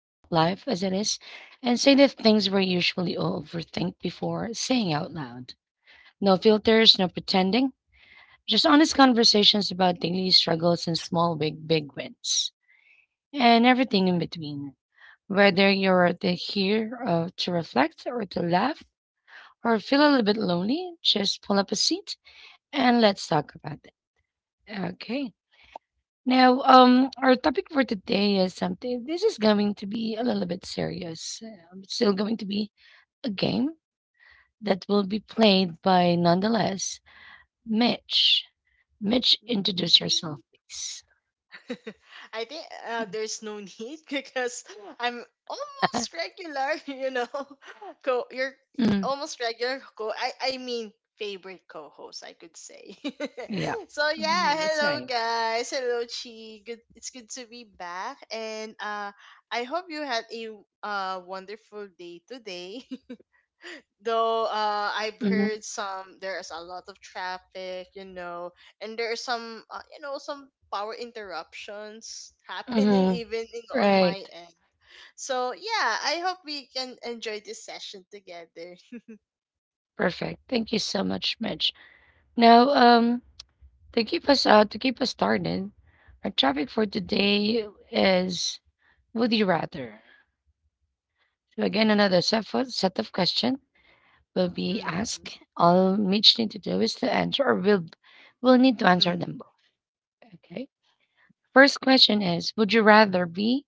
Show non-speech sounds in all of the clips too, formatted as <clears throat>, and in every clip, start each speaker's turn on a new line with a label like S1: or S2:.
S1: talk life as it is, and say the things we usually overthink before saying out loud. No filters, no pretending, just honest conversations about daily struggles and small, big wins, and everything in between. Whether you're the here to reflect or to laugh or feel a little bit lonely, just pull up a seat and let's talk about it. Okay. Our topic for today is something. This is going to be a little bit serious. It's still going to be a game that will be played by, nonetheless, Mitch. Mitch,
S2: Mm.
S1: introduce yourself, please.
S2: <laughs> I think there's no need <laughs> because I'm almost regular, <laughs> you know. Co, you're
S1: Mm,
S2: almost regular co. I mean favorite co-host, I could say.
S1: yeah,
S2: <laughs> So
S1: mhm, that's
S2: yeah,
S1: right.
S2: hello guys, hello Chi. Good, it's good to be back, and I hope you had a wonderful day today. <laughs> Though I've
S1: Hmm.
S2: heard some there is a lot of traffic, and there are some some power interruptions <laughs> happening
S1: Hmm.
S2: even in, on my
S1: Right.
S2: end. So yeah, I hope we can enjoy this session together.
S1: Perfect. Thank you so much, Mitch. Now, um, to keep us started, our topic for today is: Would you rather? So again, another set of questions will
S2: <laughs>
S1: be
S2: Mm-hmm.
S1: asked. All Mitch need to do is to answer, or will need to
S2: Mm-hmm.
S1: answer them both. Okay. First question is: Would you rather be,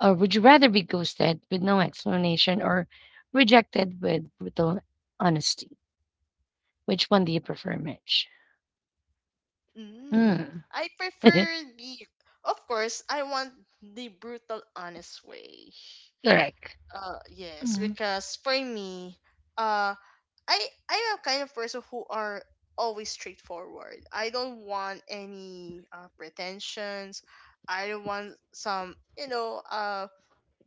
S1: or would you rather be ghosted with no explanation, or rejected with brutal honesty? Which one do you prefer, Mitch?
S2: mm
S1: Mm.
S2: I prefer
S1: <laughs>
S2: the, of course I want the brutal honest way.
S1: Correct.
S2: Yes,
S1: Mm.
S2: because for me, uh, I'm a kind of person who are always straightforward. I don't want any pretensions. I don't want some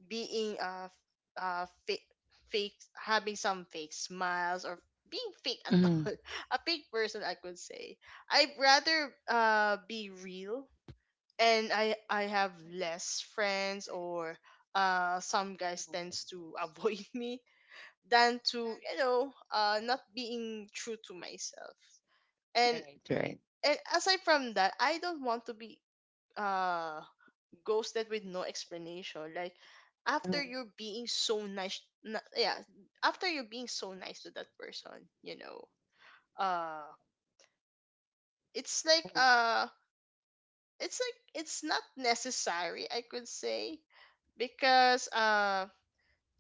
S2: being fake, having some fake smiles or being fake at <laughs>
S1: Mm.
S2: all. A fake person, I could say. I'd rather be real, and I have less friends or some guys tends to avoid <laughs> me than to not being true to myself. and
S1: Right. Right.
S2: and aside from that, I don't want to be uh ghosted with no explanation. Like after
S1: Mm.
S2: you're being so nice yeah, after you're being so nice to that person, you know uh it's like it's not necessary, I could say. Because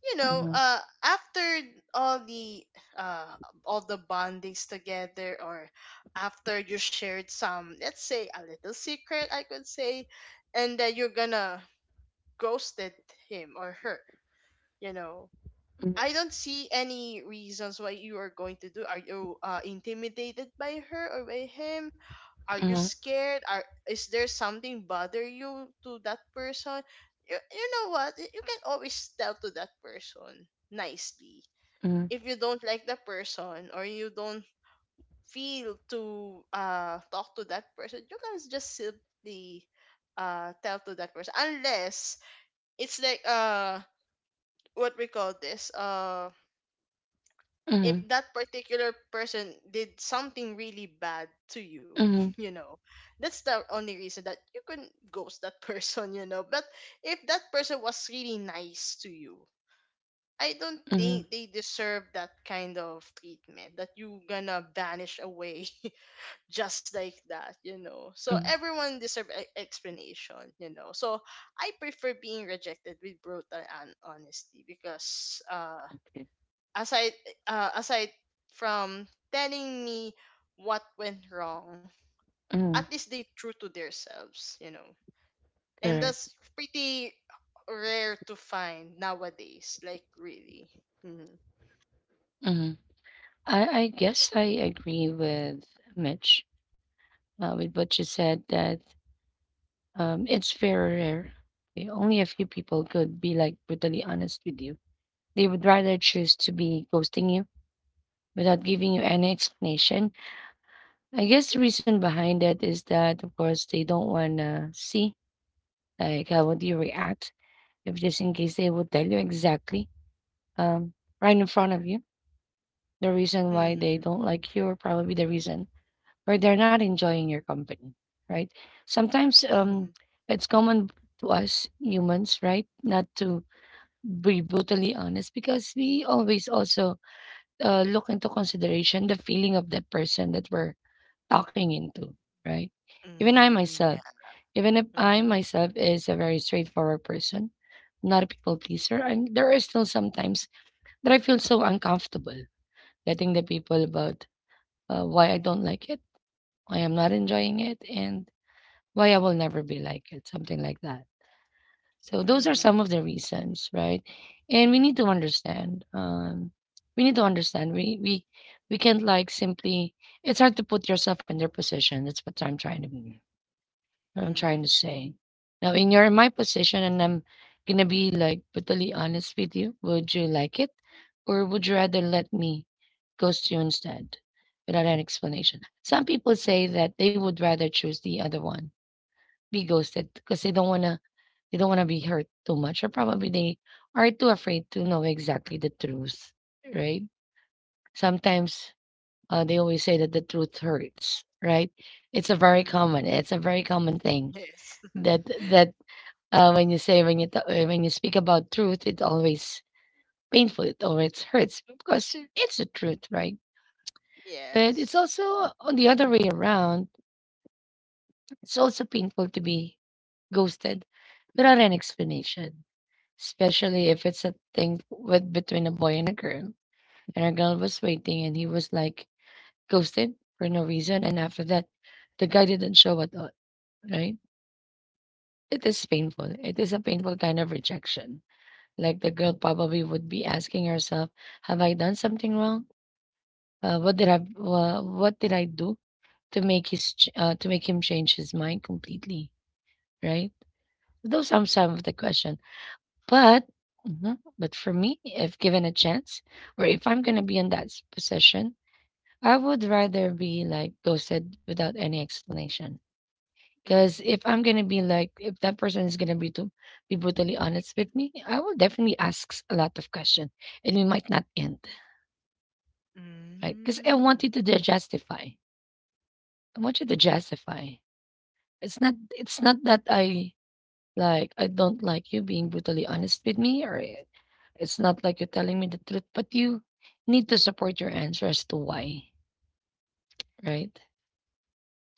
S2: you know,
S1: Mhm,
S2: uh, after all the uh, all the bondings together, or after you shared some, let's say a little secret, I could say, and that you're gonna ghosted him or her, you know,
S1: mhm,
S2: I don't see any reasons why you are going to do. Are you intimidated by her or by him? Are you
S1: mhm,
S2: scared? Are Is there something bother you to that person? You know what? You can always tell to that person nicely.
S1: mhm,
S2: If you don't like the person, or you don't feel to talk to that person, you can just simply tell to that person. Unless it's like what we call this if
S1: mhm,
S2: that particular person did something really bad to you, <laughs>
S1: mhm,
S2: you know, that's the only reason that you couldn't ghost that <laughs> person, But if that person was really nice to you, I don't
S1: mhm.
S2: think they deserve that kind of treatment that you gonna vanish away <laughs> just like that, So
S1: Mm,
S2: everyone deserve explanation, So I prefer being rejected with brutal and honesty because
S1: okay.
S2: aside aside from telling me what went wrong, at
S1: Mm,
S2: least they true to themselves, and
S1: correct.
S2: that's pretty rare to find nowadays, like really. Mm-hmm.
S1: Mhm. I guess I agree with Mitch with what you said that it's very rare. Okay, only a few people could be like brutally honest with you. They would rather choose to be ghosting you without giving you any explanation. I guess the reason behind that is that, of course, they don't want to see like how would you react if just in case they would tell you exactly um, right in front of you. The reason why they
S2: Mm-hmm.
S1: don't like you, or probably the reason or they're not enjoying your company, right? Sometimes
S2: Mm-hmm.
S1: it's common to us humans, right, not to be brutally honest because we always also look into consideration the feeling of the person that we're talking into, right? Even I
S2: Mm-hmm. Yeah.
S1: myself, even if I
S2: Mm-hmm.
S1: myself is a very straightforward person, not a people pleaser, and there are still sometimes that I feel so uncomfortable letting the people about why I don't like it, why I'm not enjoying it, and why I will never be like it, something like that. So those are
S2: Mm-hmm.
S1: some of the reasons, right? And we need to understand. We need to understand. We can't like simply. It's hard to put yourself in their position. That's what I'm trying to. Be What I'm trying
S2: Mm-hmm.
S1: to say. Now, in your my position, and I'm gonna be like brutally honest with you, would you like it, or would you rather let me ghost you instead, without an explanation? Some people say that they would rather choose the other one, be ghosted, because they don't wanna be hurt too much, or probably they are too afraid to know exactly the truth, right? Sometimes they always say that the truth hurts, right? It's a very
S2: Mm-hmm.
S1: common,
S2: Yeah.
S1: it's a very common thing
S2: Yes. <laughs>
S1: that that when you say when you ta- when you speak about truth, it always painful. It always hurts because it's the truth, right? But it's
S2: Yes.
S1: also on the other way around. It's also painful to be ghosted without an explanation, especially if it's a thing with between a boy and a girl. And a girl was waiting, and he was like ghosted for no reason. And after that, the guy didn't show at all, right? It is painful. It is a painful kind of rejection. Like the girl probably would be asking herself, "Have I done something wrong? What did I do to make him change his mind completely?" Right? Those are some of the question. But mhm, but for me, if given a chance, or if I'm gonna be in position, I would rather be like ghosted without any explanation. Because if
S2: Mm-hmm.
S1: I'm gonna be like, if that person is gonna be to be brutally honest with me, I will definitely ask a lot of questions and we might not end. Right? Because I want you
S2: Mm-hmm.
S1: to justify. I want you to justify. It's not that I like I don't like you being brutally honest with me it's not like you're telling me the truth, but you need to support your answer as to why, right?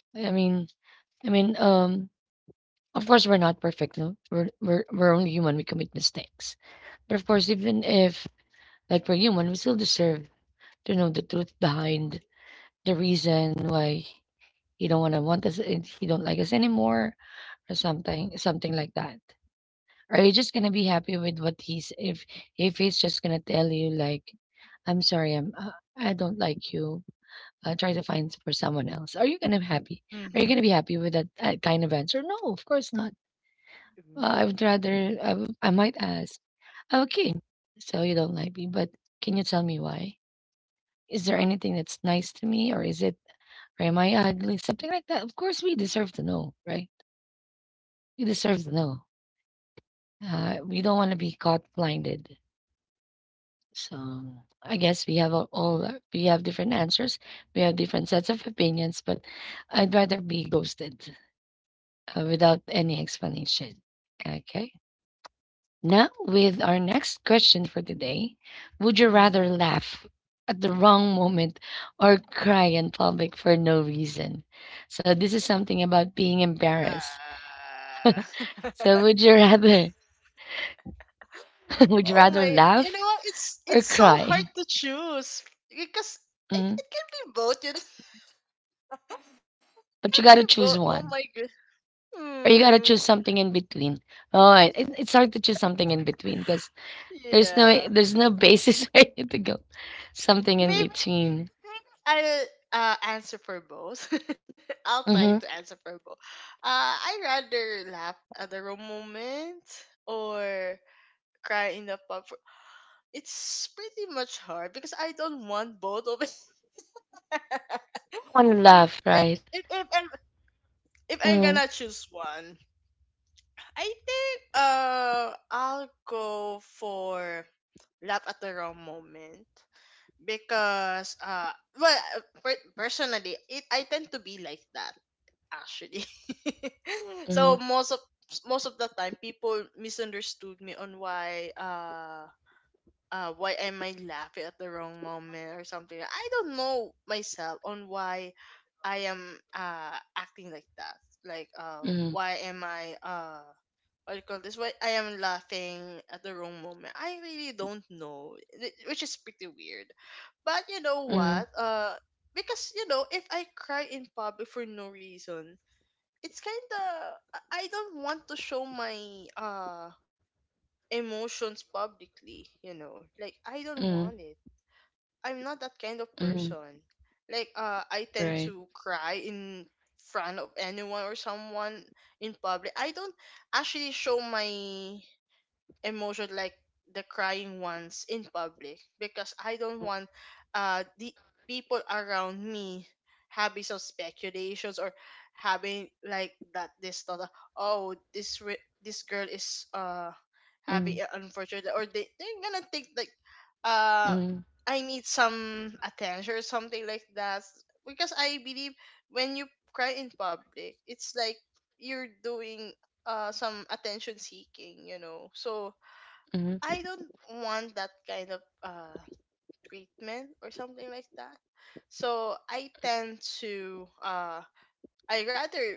S1: I mean I mean, of course we're not perfect, no? We're only human, we commit mistakes. But of course, even if like we're human, we still deserve to know the truth behind the reason why he don't wanna want us, and he don't like us anymore, or something, something like that. Are you just gonna be happy with what he's if he's just gonna tell you like, "I'm sorry, I don't like you. Try to find for someone else." Are you gonna be happy?
S2: Mm-hmm.
S1: Are you gonna be happy with that, kind of answer? No, of course not. I would
S2: Ooh.
S1: rather I would I might ask, "Okay, so you don't like me, but can you tell me why? Is there anything that's nice to me, or am I ugly?" Something like that. Of course, we deserve to know, right? We deserve to know. We don't want to be caught blinded. So I guess we have all we have different answers. We have different sets of opinions, but I'd rather be ghosted without any explanation. Okay. Now, with our next question for today, would you rather
S2: Mm-hmm.
S1: laugh at the wrong moment or cry in public for no reason? So this is something about being embarrassed.
S2: Ah.
S1: So
S2: <laughs>
S1: would you rather <laughs> would you
S2: Oh
S1: rather
S2: my,
S1: laugh
S2: it's
S1: or
S2: so hard
S1: cry?
S2: to choose because I,
S1: Mhm.
S2: it can be both, <laughs> It can
S1: But you
S2: be
S1: gotta
S2: both.
S1: choose
S2: Oh my
S1: one,
S2: good.
S1: or you gotta
S2: Hmm.
S1: choose something in between. Oh, it, it's hard to choose something in between because there's no
S2: Yeah.
S1: there's no basis <laughs> for you to go something in
S2: Maybe,
S1: between.
S2: maybe I'll answer for both. <laughs> I'll try to
S1: Mm-hmm.
S2: answer for both. I rather laugh at the wrong moment or cry in the pub. For, it's pretty much hard because I don't want both of it. <laughs> But
S1: One love,
S2: if,
S1: right?
S2: if, if, I'm, if I'm gonna
S1: Mm-hmm.
S2: choose one, I think I'll go for laugh at the wrong moment because personally it I tend to be like that actually. <laughs>
S1: Mm-hmm.
S2: So most of the time people misunderstood me on why am I laughing at the wrong moment or something? I don't know myself on why I am acting like that. Like
S1: Mm-hmm.
S2: why am I what do you call this? Why I am laughing at the wrong moment? I really don't know, which is pretty weird. But you know
S1: Mm-hmm.
S2: what? Because, if I cry in public for no reason, it's kind of I don't want to show my emotions publicly, like I don't
S1: Mm-hmm.
S2: want it. I'm not that kind of
S1: Mm-hmm.
S2: person. Like I tend
S1: Right.
S2: to cry in front of anyone or someone in public. I don't actually show my emotion like the crying ones in public because I don't want the people around me having some speculations or having like that this thought of, oh this this girl is
S1: Mm-hmm.
S2: having an unfortunate, or they they're gonna think like uh
S1: Mm-hmm.
S2: I need some attention or something like that. Because I believe when you cry in public, it's like you're doing some attention seeking, so
S1: Mm-hmm.
S2: I don't want that kind of treatment or something like that. So I tend to I rather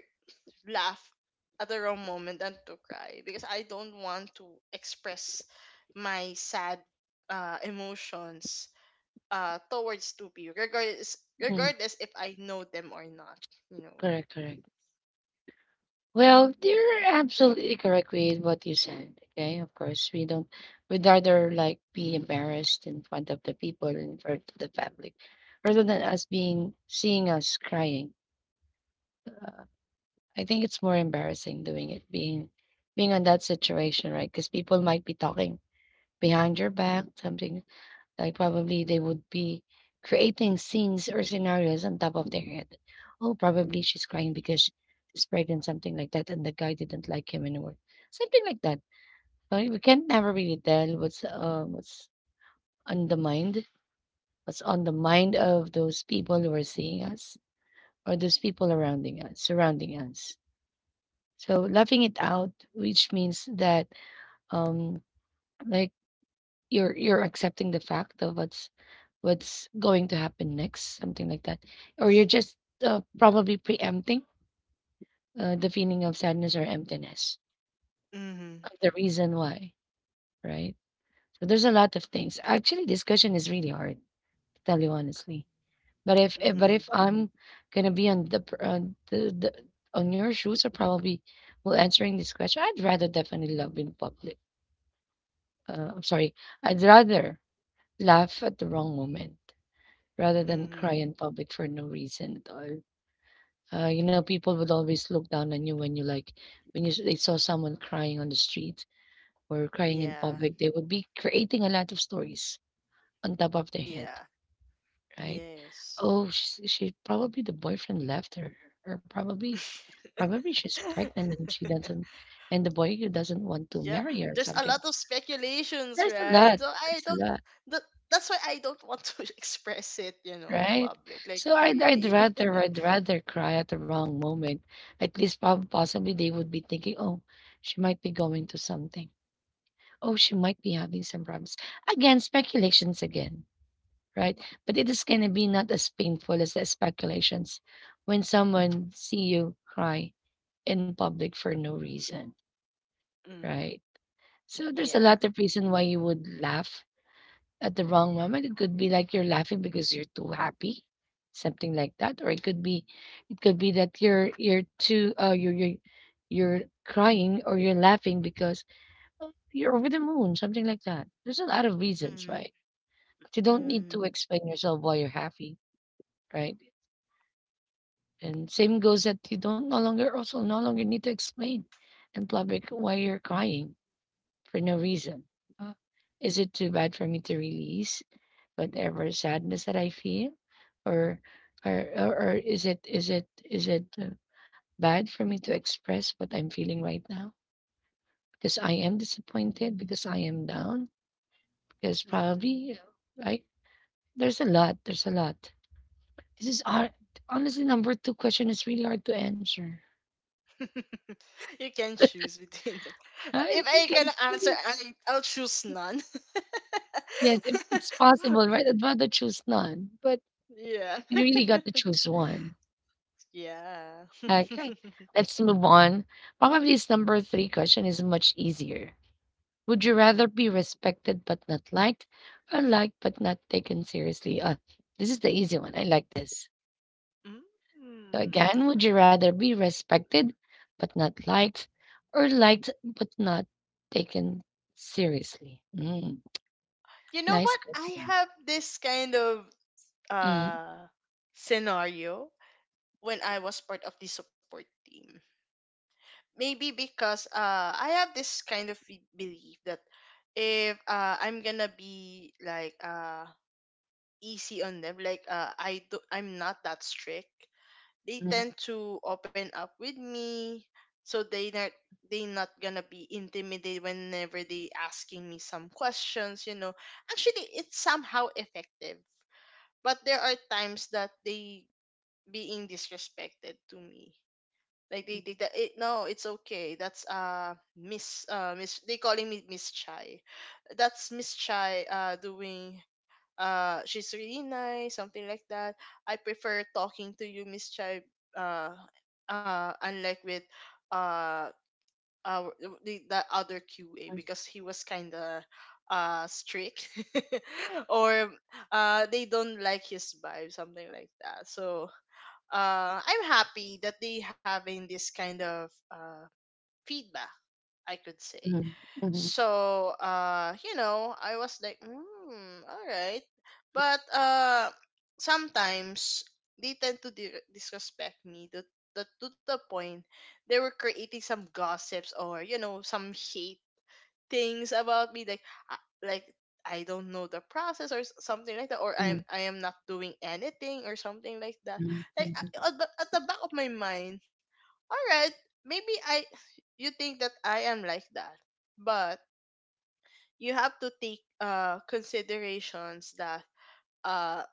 S2: laugh at the wrong moment than to cry because I don't want to express my sad emotions towards two people,
S1: Mm-hmm.
S2: regardless if I know them or not. You know.
S1: Correct. Correct. Well, you're absolutely correct with what you said. Okay, of course, we don't, we'd rather like be embarrassed in front of the people in front of the public, rather than us being seeing us crying. I think it's more embarrassing doing it, being on that situation, right? Because people might be talking behind your back, something like probably they would be creating scenes or scenarios on top of their head. Oh, probably she's crying because she's pregnant, something like that, and the guy didn't like him anymore. Something like that. We can not never really tell what's on the mind, what's on the mind of those people who are seeing us or those people surrounding us. So laughing it out, which means that um, like you're accepting the fact of what's going to happen next, something like that. Or you're just probably preempting the feeling of sadness or emptiness,
S2: Mhm.
S1: of the reason why, right? So there's a lot of things. Actually, discussion is really hard, to tell you honestly. But
S2: Mhm.
S1: if I'm gonna be on the on your shoes, or probably well answering this question, I'd rather definitely love in public. I'm sorry, I'd rather laugh at the wrong moment rather than cry
S2: Mhm.
S1: in public for no reason at all. You know, people would always look down on you when you like when you s- they saw someone crying on the street or crying in
S2: Yeah.
S1: public. They would be creating a lot of stories on top of their head,
S2: Yeah.
S1: right?
S2: Yes.
S1: Oh, she probably the boyfriend left her, or probably she's pregnant and she
S2: <laughs>
S1: doesn't, and the boy doesn't want to
S2: Yeah,
S1: marry her or
S2: there's a
S1: something.
S2: lot of speculations,
S1: There's a
S2: right?
S1: lot.
S2: So I
S1: There's a
S2: don't
S1: lot.
S2: that, that's why I don't want to <laughs> express it, in
S1: Right?
S2: public, like
S1: So I'd I'd
S2: really.
S1: rather I'd rather cry at the wrong moment. At least prob possibly they would be thinking, "Oh, she might be going to something. Oh, she might be having some problems." Again, speculations again, right? But it is gonna be not as painful as the speculations when someone see you cry in public for no reason,
S2: <laughs> Mm-hmm.
S1: right? So there's a
S2: Yeah.
S1: lot of reason why you would laugh at the wrong moment. It could be like you're laughing because you're too happy, something like that, or it could be that you're crying or you're laughing because you're over the moon, something like that. There's a lot of reasons,
S2: Mm-hmm.
S1: right? But you don't need to
S2: Mm-hmm.
S1: explain yourself why you're happy, right? And same goes that you don't no longer also no longer need to explain in public why you're crying for no reason. Uh, is it too bad for me to release whatever sadness that I feel? Or or is it is it bad for me to express what I'm feeling right now? Because I am disappointed, because I am down, because
S2: Mm-hmm.
S1: probably, right? There's a lot. There's a lot. This is hard. Honestly, number two question is really hard to answer.
S2: <laughs> You can choose between them.
S1: I
S2: If I
S1: think
S2: can
S1: I-
S2: answer I, I'll choose none.
S1: Yes, if it's
S2: <laughs>
S1: possible, right? I'd rather choose none, but
S2: Yeah.
S1: you really got to
S2: <laughs>
S1: choose one.
S2: Yeah.
S1: Okay,
S2: <laughs>
S1: let's move on. Probably this number three question is much easier. Would you rather be respected but not liked, or liked but not taken seriously? This is the easy one. I like this. So
S2: Mm.
S1: again, would you rather be respected but not liked, or liked but not taken seriously? Mm,
S2: You know
S1: nice
S2: what, I
S1: question.
S2: have this kind of
S1: Mm,
S2: uh, scenario when I was part of the support team. Maybe because I have this kind of belief that if I'm gonna be like easy on them, like I do, I'm not that strict, they
S1: mm,
S2: tend to open up with me, so they not gonna be intimidated whenever they asking me some questions. You know, actually, it's somehow effective, but there are times that they being disrespected to me. Like they
S1: mm,
S2: think that it no, it's okay. That's Miss, they calling me Miss Chai. That's Miss Chai doing she's really nice, something like that. I prefer talking to you, Miss Chai, uh unlike with uh our the other QA, because he was kinda strict <laughs> or they don't like his vibe, something like that. So I'm happy that they having this kind of feedback, I could say.
S1: mm, mm, mm,
S2: So. You know, I was like, hmm, all right, but sometimes they tend to disrespect me to the point they were creating some gossips or some hate things about me like I don't know the process, or something like that, or
S1: mm,
S2: I am not doing anything or something like that.
S1: mm,
S2: Like
S1: mm.
S2: at the back of my mind, all right, maybe I, you think that I am like that, but you have to take considerations that uh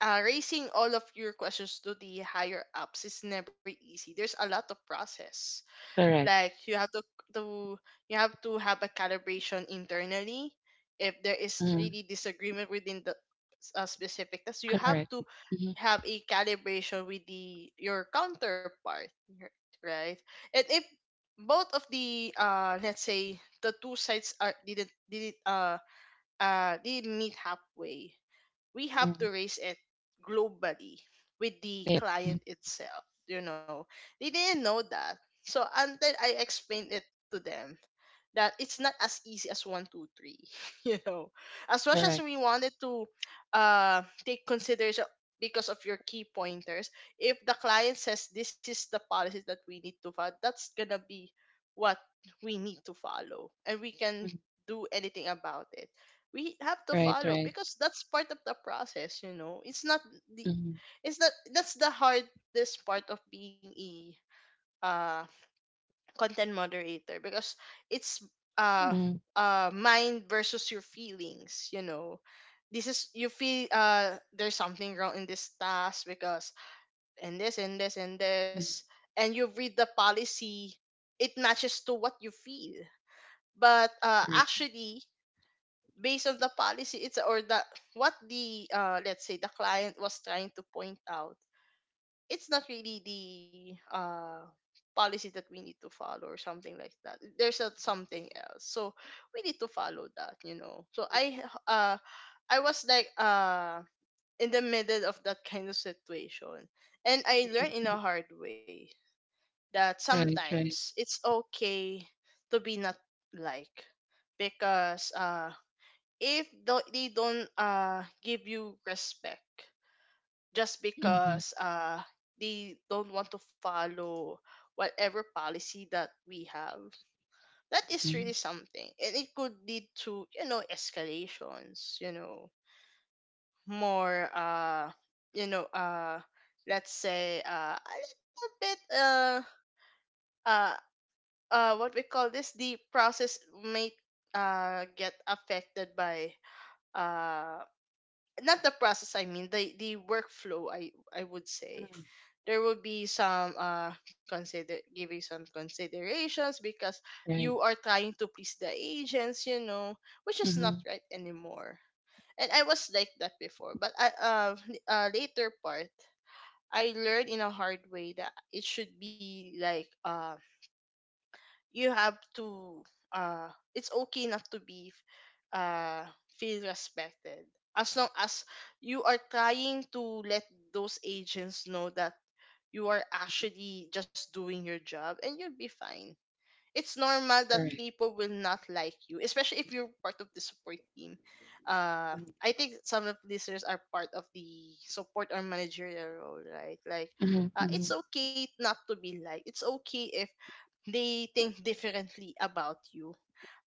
S2: raising all of your questions to the higher ups is never easy. There's a lot of process,
S1: Correct.
S2: like you have to to you have to have a calibration internally if there is
S1: Mm,
S2: really disagreement within the specific task. So, you have
S1: correct.
S2: to
S1: Mhm,
S2: have a calibration with the your counterpart, r- right? And if both of the let's say the two sides are didn't meet halfway, we have
S1: mm.
S2: to raise it globally with the
S1: Yep. Mm.
S2: client itself, they didn't know that. So until I explained it to them that it's not as easy as 1 2 3, <laughs> you know as much
S1: Correct.
S2: as we wanted to take consideration because of your key pointers, if the client says this is the policies that we need to follow, that's gonna be what we need to follow, and we can
S1: Mm.
S2: do anything about it. We have to
S1: Right,
S2: follow
S1: right.
S2: because that's part of the process, it's not the
S1: Mhm.
S2: it's not that's the hardest part of being a uh content moderator, because it's uh
S1: Mhm.
S2: mind versus your feelings, this is you feel there's something wrong in this task because and this and this and
S1: Mhm.
S2: this, and you read the policy, it matches to what you feel, but
S1: Right.
S2: actually based on the policy, it's or the what the let's say the client was trying to point out, it's not really the policy that we need to follow or something like that. There's a, something else, so we need to follow that, so uh I was like in the middle of that kind of situation, and I learned in
S1: Mhm.
S2: a hard way that
S1: Right, right.
S2: sometimes it's okay to be not like, because if they don't give you respect just
S1: Mhm.
S2: because they don't want to follow whatever policy that we have, that is really
S1: Mhm.
S2: something, and it could lead to, escalations, more you know uh let's say a little bit uh what we call this the process may get affected by uh, not the process, I mean the workflow, I would say
S1: Mhm.
S2: there will be some consider giving some considerations because you
S1: Right.
S2: are trying to please the agents, which is not
S1: Mhm.
S2: right anymore. And I was like that before, but I later part, I learned in a hard way that it should be like, you have to, uh it's okay not to be, uh feel respected, as long as you are trying to let those agents know that you are actually just doing your job and you'll be fine. It's normal that
S1: Right.
S2: people will not like you, especially if you're part of the support team. uh
S1: Mhm.
S2: I think some of listeners are part of the support or managerial role, right? Like,
S1: Mhm.
S2: it's
S1: Mhm.
S2: okay not to be liked. It's okay if they think differently about you,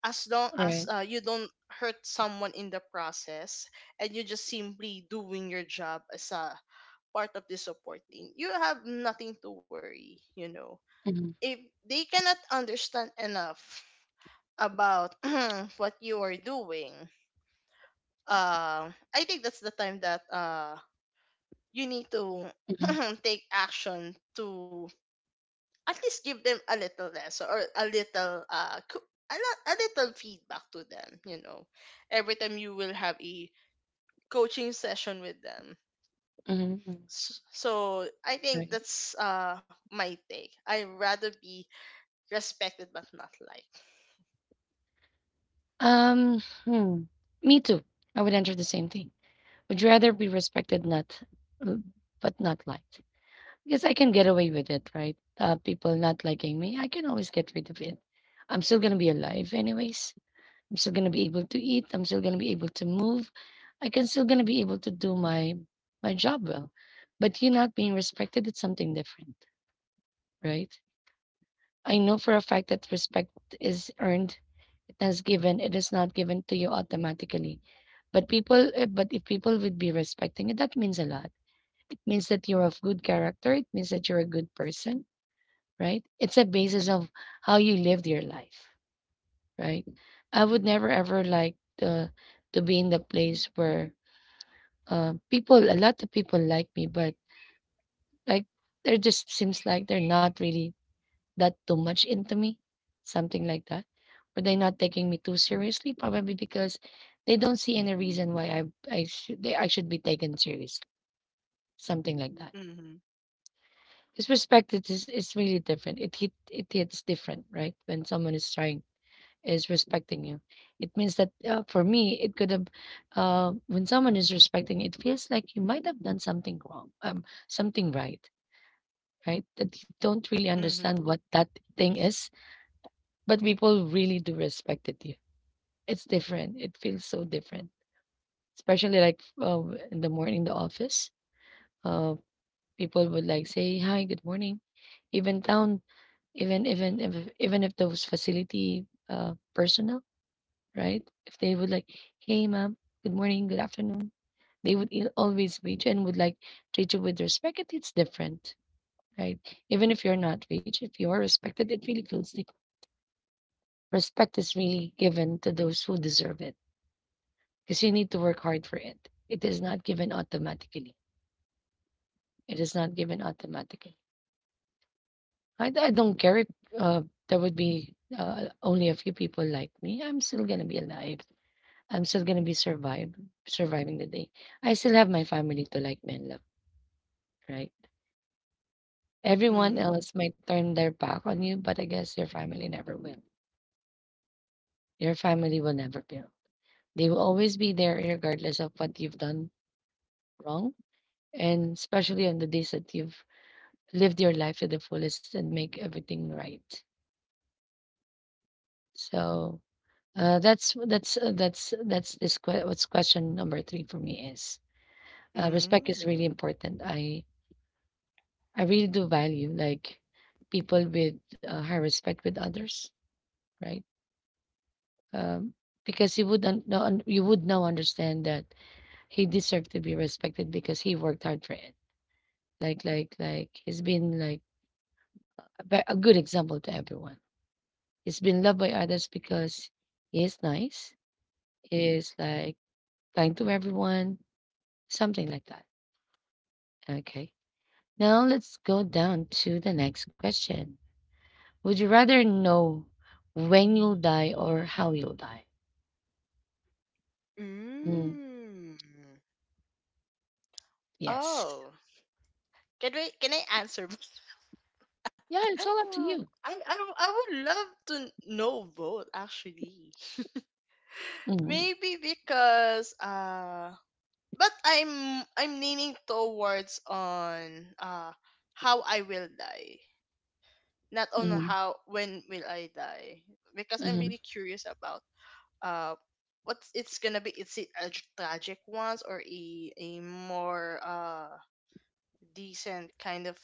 S2: as long as,
S1: Right.
S2: you don't hurt someone in the process, and you just simply doing your job as a part of the support team. You have nothing to worry,
S1: Mhm.
S2: if they cannot understand enough about <clears throat> what you are doing, uh, I think that's the time that, you need to
S1: Mhm.
S2: <clears throat> take action to at least give them a little lesson or a little a little feedback to them, you know, every time you will have a coaching session with them.
S1: Mhm. Mhm.
S2: So I think
S1: Right.
S2: that's my take. I rather be respected but not liked.
S1: Um, hmm. Me too. I would enter the same thing. Would you rather be respected not uh, but not liked? Because I can get away with it, right? People not liking me, I can always get rid of it. I'm still gonna be alive anyways. I'm still gonna be able to eat. I'm still gonna be able to move. I can still gonna be able to do my job well. But you not being respected, it's something different, right? I know for a fact that respect is earned. It has given. It is not given to you automatically. But but if people would be respecting it, that means a lot. It means that you're of good character. It means that you're a good person, right? It's a basis of how you lived your life. Right? I would never ever like the to be in the place where people, a lot of people like me, but like there just seems like they're not really that too much into me, something like that. Or they're not taking me too seriously, probably because they don't see any reason why I should be taken seriously, something like that.
S2: Mm-hmm.
S1: This perspective is really different. It hits different, right? When someone is trying is respecting you. It means that for me, it could have, when someone is respecting, it feels like you might have done something wrong, something right, right? That you don't really
S2: Mm-hmm.
S1: understand what that thing is, but people really do respected you. It's different. It feels so different, especially like in the morning, the office. Uh, People would like say hi, good morning, even down, even even if even if those facility personnel, right? If they would like, hey, ma'am, good morning, good afternoon, they would always reach and would like treat you with respect. It's different, right? Even if you're not rich, if you are respected, it really feels the respect is really given to those who deserve it because you need to work hard for it. It is not given automatically. It is not given automatically. I don't care if uh, there would be only a few people like me. I'm still going to be alive. I'm still gonna be survive surviving the day. I still have my family to like me and love, right? Everyone
S2: Mm-hmm.
S1: else might turn their back on you, but I guess your family never will. Your family will never fail. They will always be there regardless of what you've done wrong. And especially on the days that you've lived your life to the fullest and make everything right. So that's this que- what's question number three for me is respect is really important. I really do value like people with high respect with others, right? Um, because you would you would now understand that he deserved to be respected because he worked hard for it. Like he's been like a good example to everyone. He's been loved by others because he is nice. He is like kind to everyone, something like that. Okay. Now let's go down to the next question. Would you rather know when you'll die or how you'll die? Mm,
S2: Mm. Mm.
S1: yes.
S2: Oh, can I answer?
S1: Yeah, it's
S2: <laughs>
S1: all up to you.
S2: I, I would love to know both, actually. <laughs>
S1: Mhm,
S2: Maybe because but I'm leaning towards on how I will die. Not on
S1: mhm,
S2: how when will I die. Because I'm
S1: mhm,
S2: really curious about uh what it's gonna be. Is it a tragic ones, or a more decent kind of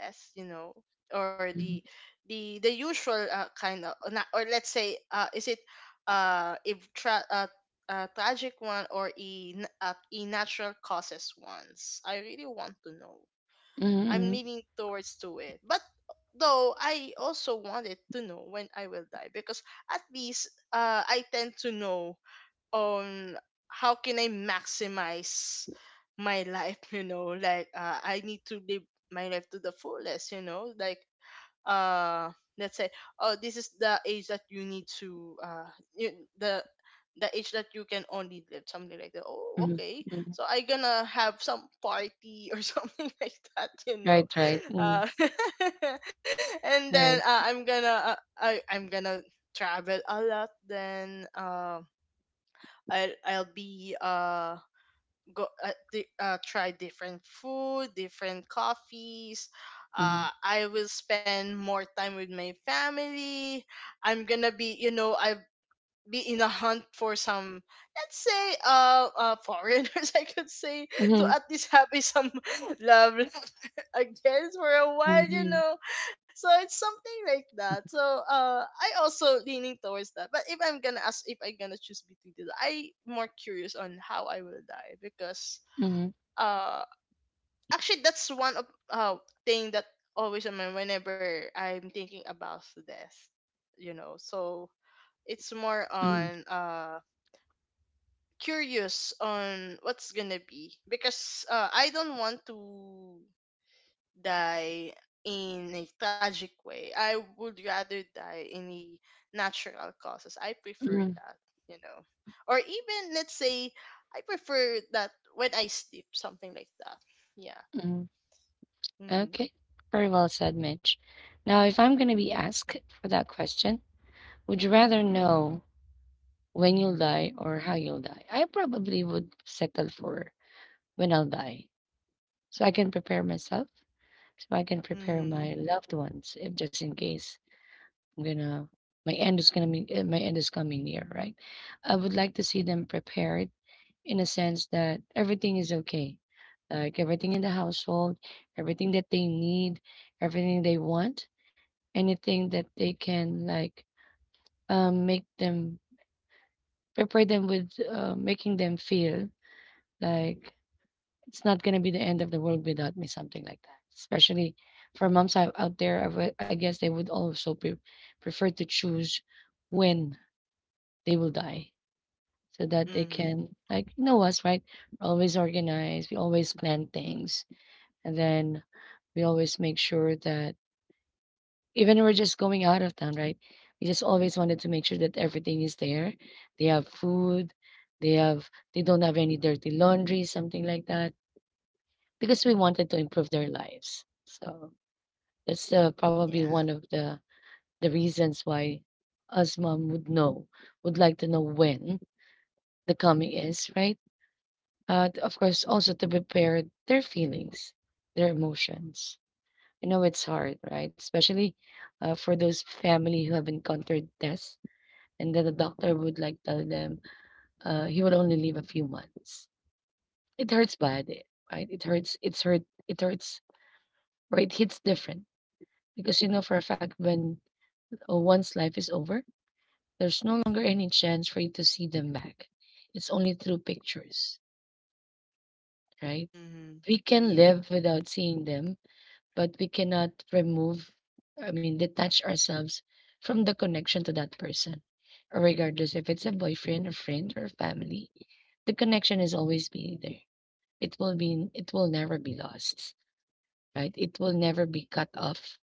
S2: death, you know? Or
S1: mhm,
S2: the the usual kind of? Or, not, or let's say is it uh a, tra- uh a tragic one, or a, a natural causes ones? I really want to know.
S1: mhm,
S2: I'm
S1: mhm,
S2: leaning towards to it, but though I also wanted to know when I will die, because at least I tend to know on how can I maximize my life, <laughs> you know, like, I need to live my life to the fullest, you know, like, uh let's say, oh, this is the age that you need to you, the the age that you can only live, something like that. Oh,
S1: mhm,
S2: okay.
S1: mhm.
S2: So I gonna have some party or <laughs> something like that, you
S1: Right,
S2: know.
S1: right. Mm,
S2: uh <laughs> and then,
S1: right.
S2: I'm gonna, I'm gonna travel a lot. Then, I'll, be try different food, different coffees.
S1: Mhm,
S2: I will spend more time with my family. I'm gonna be, you know, I be in a hunt for some, let's say, foreigners, <laughs> I could say, to
S1: mhm,
S2: at least have a some <laughs> love <laughs> I for a while, you
S1: mhm,
S2: know. So it's something like that. So I also leaning towards that, but if I'm gonna ask, if I'm gonna choose between the two, I more curious on how I will die, because
S1: mhm,
S2: uh actually that's one of uh thing that always on my whenever I'm thinking about death, you know. So it's more
S1: mhm,
S2: on curious on what's gonna be, because, I don't want to die in a tragic way. I would rather die in a natural causes. I prefer
S1: mhm,
S2: that, you know. Or even, let's say, I prefer that when I sleep, something like that. Yeah.
S1: mhm.
S2: Mhm.
S1: Okay. Very well said, Mitch. Now, if I'm going to be asked for that question, would you rather know when you'll die or how you'll die? I probably would settle for when I'll die so I can prepare myself so I can prepare
S2: Mhm.
S1: my loved ones if just in case I'm gonna my end is gonna be my end is coming near, right? I would like to see them prepared in a sense that everything is okay, like everything in the household, everything that they need, everything they want, anything that they can like make them prepare them with making them feel like it's not gonna be the end of the world without me, something like that. Especially for moms out there, I guess they would also prefer to choose when they will die so that they
S2: Mhm.
S1: can, like, you know us, right? We're always organized, we always plan things, and then we always make sure that even when we're just going out of town, right? We just always wanted to make sure that everything is there. They have food, they have they don't have any dirty laundry, something like that. Because we wanted to improve their lives. So that's probably one
S2: Yeah.
S1: of the reasons why us mom would know, would like to know when the coming is, right? Of course, also to prepare their feelings, their emotions. I know it's hard, right? Especially for those family who have encountered death, and then the doctor would like tell them he will only live a few months. It hurts bad, eh, right? It hurts. It's hurt. It hurts. Right? Hits different because you know for a fact when one's life is over, there's no longer any chance for you to see them back. It's only through pictures, right?
S2: Mhm.
S1: We can
S2: Yeah.
S1: live without seeing them, but we cannot remove, I mean, detach ourselves from the connection to that person. Or regardless if it's a boyfriend or friend or family, the connection is always be there. It will never be lost, right? It will never be cut off.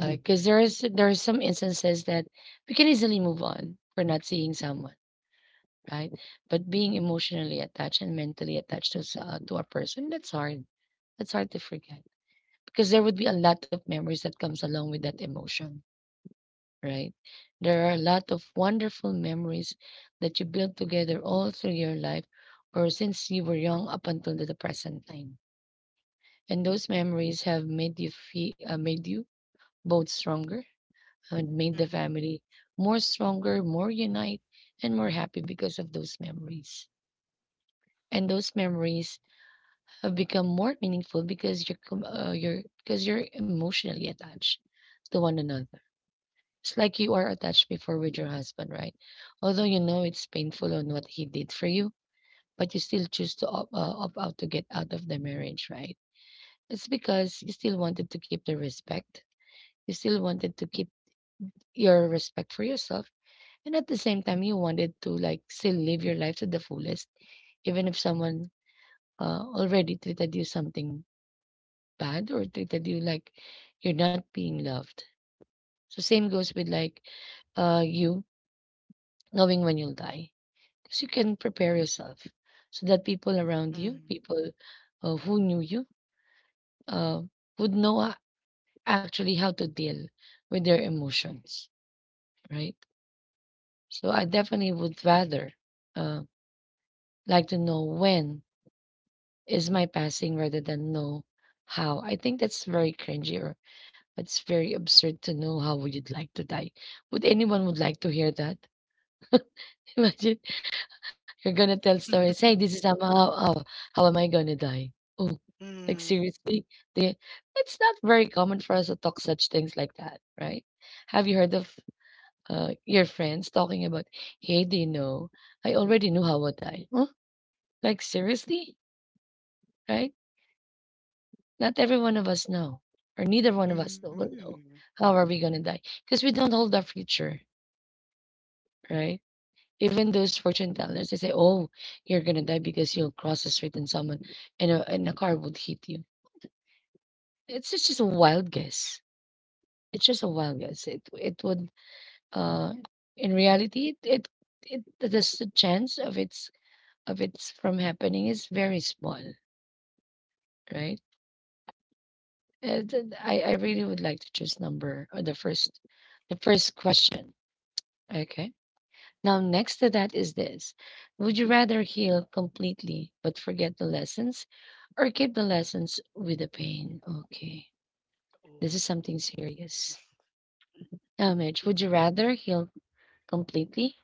S1: Because there are some instances that we can easily move on for not seeing someone, right? But being emotionally attached and mentally attached to to a person, that's hard. That's hard to forget because there would be a lot of memories that comes along with that emotion, right? There are a lot of wonderful memories that you built together all through your life or since you were young up until the present time. And those memories have made you feel, made you both stronger and made the
S2: Mhm.
S1: family more stronger, more unite, and more happy because of those memories. And those memories have become more meaningful because you're because you're emotionally attached to one another. It's like you are attached before with your husband, right? Although you know it's painful on what he did for you, but you still choose to opt out to get out of the marriage, right? It's because you still wanted to keep the respect. You still wanted to keep your respect for yourself. And at the same time, you wanted to like still live your life to the fullest, even if someone already treated you something bad or treated you like you're not being loved. So same goes with like you knowing when you'll die, because you can prepare yourself so that people around you,
S2: Mhm.
S1: people who knew you, uh, would know actually how to deal with their emotions, right? So I definitely would rather uh, like to know when is my passing rather than know how. I think that's very cringy or it's very absurd to know how would you like to die. Would anyone would like to hear that? <laughs> Imagine you're gonna tell stories. Hey,
S2: <laughs>
S1: this is how am I gonna die? Oh, like
S2: Mhm.
S1: seriously, they, it's not very common for us to talk such things like that, right? Have you heard of your friends talking about, hey, do you know, I already knew how would I? Huh? Like seriously, right? Not every one of us know, or neither one of us will know
S2: Mhm.
S1: how are we gonna die because we don't hold our future, right? Even those fortune tellers, they say, "Oh, you're gonna die because you'll cross the street and someone and a car would hit you." It's just a wild guess. It's just a wild guess. It would uh in reality it the chance of its from happening is very small, right? And then I really would like to choose number or the first question. Okay. Now, next to that is this. Would you rather heal completely but forget the lessons or keep the lessons with the pain? Okay.
S2: Oh.
S1: This is something serious. Now,
S2: <laughs>
S1: Mitch, would you rather heal completely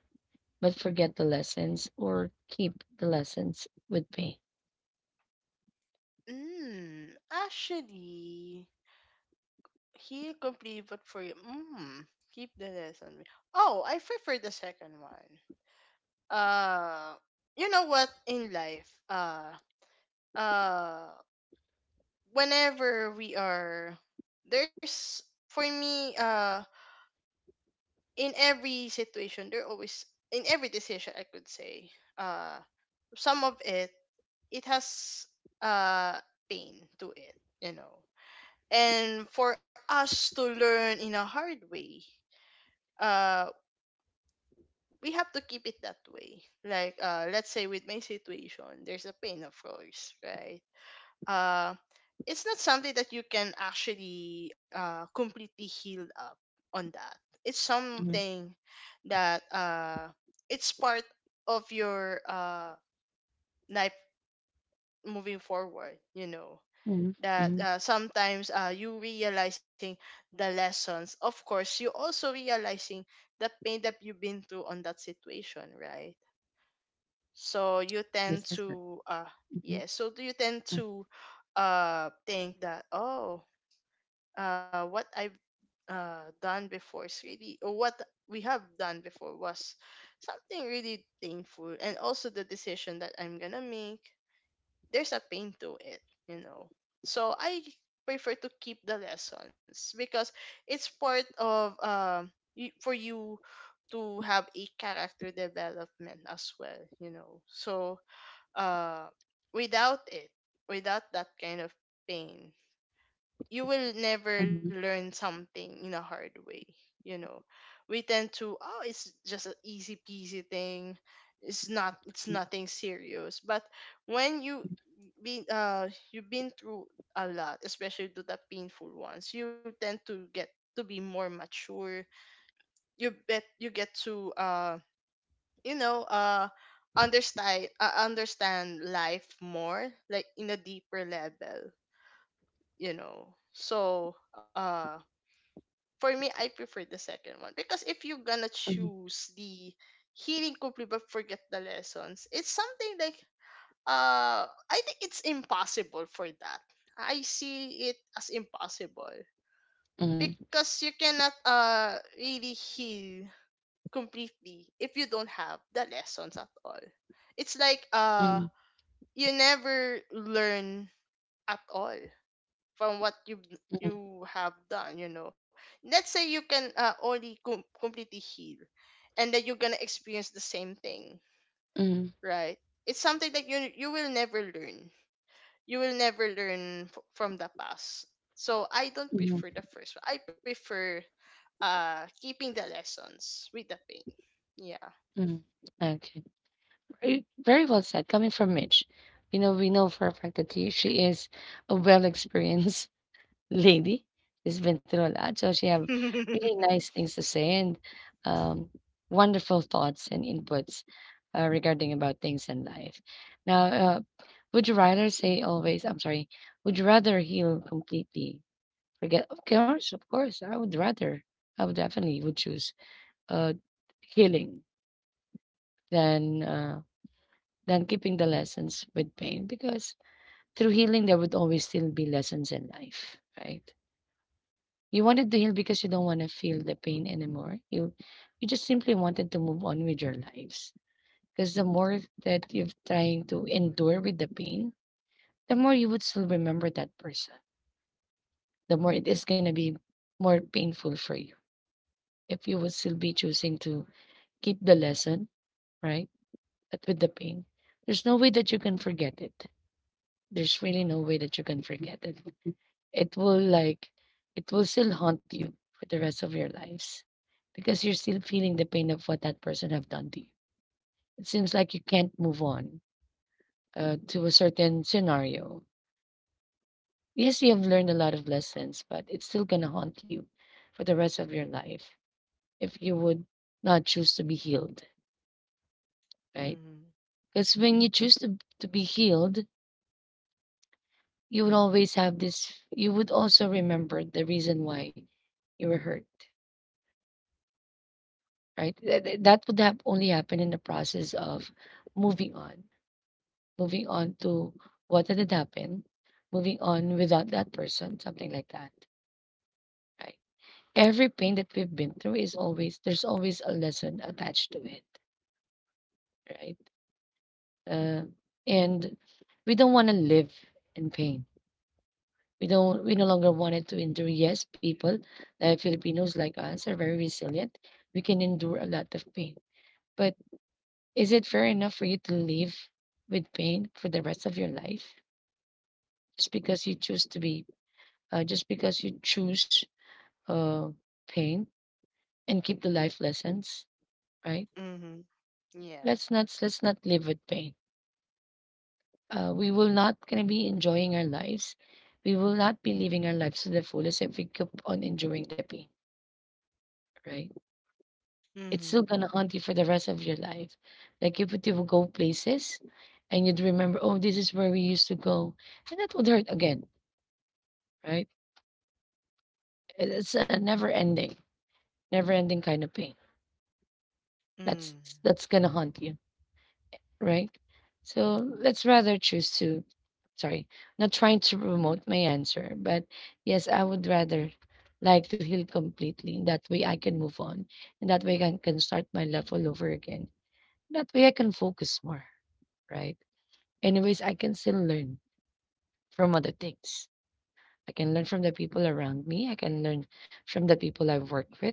S1: but forget the lessons or keep the lessons with pain?
S2: Mm, actually, he completed for you. Mm, keep the lesson. Oh, I prefer the second one. Uh, you know what? In life, uh, whenever we are, there's for me, in every situation, there always, in every decision, I could say, uh, some of it, it has uh pain to it. You know, and for us to learn in a hard way, uh we have to keep it that way. Like let's say, with my situation, there's a pain, of course, right? uh it's not something that you can actually completely heal up on that. It's
S1: Mhm,
S2: something that it's part of your life moving forward, you know,
S1: mhm,
S2: that,
S1: mhm.
S2: sometimes, you realizing the lessons, of course, you also realizing the pain that you've been through on that situation, right? So you tend
S1: Yes, that's right.
S2: to
S1: Mhm,
S2: yeah. So do you tend
S1: mhm,
S2: to think that, oh, what I've done before is really, or what we have done before was something really painful. And also the decision that I'm gonna make, there's a pain to it, you know. So I prefer to keep the lessons, because it's part of, for you to have a character development as well, you know. So uh without it, without that kind of pain, you will never
S1: mhm,
S2: learn something in a hard way, you know. We tend to, oh, it's just an easy peasy thing, it's not, it's nothing serious. But when you been you've been through a lot, especially to the painful ones, you tend to get to be more mature. You bet you get to you know, understand, understand life more, like in a deeper level, you know. So for me, I prefer the second one, because if you're gonna
S1: mhm,
S2: choose the healing complete but forget the lessons, it's something like, I think it's impossible for that. I see it as impossible,
S1: mhm,
S2: because you cannot really heal completely if you don't have the lessons at all. It's like
S1: mhm,
S2: you never learn at all from what you
S1: mhm,
S2: have done, you know. Let's say you can, only completely heal, and then you're gonna experience the same thing,
S1: mhm,
S2: right? It's something that you will never learn. You will never learn from the past. So I don't
S1: mhm.
S2: prefer the first one. I prefer keeping the lessons with the pain. Yeah.
S1: Mm, okay. Very, very well said. Coming from Mitch, you know, we know for a fact that he, she is a well-experienced <laughs> lady. She's been through a lot, so she have
S2: <laughs> Mm-hmm.
S1: really nice things to say and um, wonderful thoughts and inputs regarding about things in life. Now, would you rather say always? I'm sorry. Would you rather heal completely? Forget, of course, of course. I would rather. I would definitely would choose uh, healing than. Than keeping the lessons with pain because through healing there would always still be lessons in life, right? You wanted to heal because you don't want to feel the pain anymore. You just simply wanted to move on with your lives because the more that you're trying to endure with the pain, the more you would still remember that person, the more it is going to be more painful for you if you would still be choosing to keep the lesson, right? But with the pain, there's no way that you can forget it. There's really no way that you can forget it. It will like it will still haunt you for the rest of your lives because you're still feeling the pain of what that person have done to you. It seems like you can't move on to a certain scenario. Yes, you have learned a lot of lessons, but it's still gonna haunt you for the rest of your life if you would not choose to be healed, right? Because when you choose to be healed, you would always have this. You would also remember the reason why you were hurt, right? That would have only happen in the process of moving on, moving on to what had happened, moving on without that person, something like that, right? Every pain that we've been through is always, there's always a lesson attached to it, right? Uh, and we don't want to live in pain. We don't, we no longer want it to endure. Yes, people, Filipinos like us are very resilient. We can endure a lot of pain. But is it fair enough for you to live with pain for the rest of your life just because you choose to be, just because you choose uh, pain and keep the life lessons, right?
S2: Mm-hmm. Yeah.
S1: Let's not live with pain. We will not gonna be enjoying our lives. We will not be living our lives to the fullest if we keep on enduring the pain, right? It's
S2: Mm-hmm.
S1: still gonna haunt you for the rest of your life. Like if you would go places and you'd remember, oh, this is where we used to go, and that would hurt again, right? It is a never ending, never ending kind of pain.
S2: Mm-hmm. Yeah. Mm-hmm. Mm.
S1: That's
S2: Hmm.
S1: that's gonna haunt you, right? So let's rather choose to sorry, not trying to promote my answer, but yes, I would rather like to heal completely. That way I can move on. And that way I can start my life all over again. That way I can focus more, right? Anyways, I can still learn from other things. I can learn from the people around me. I can learn from the people I've worked with.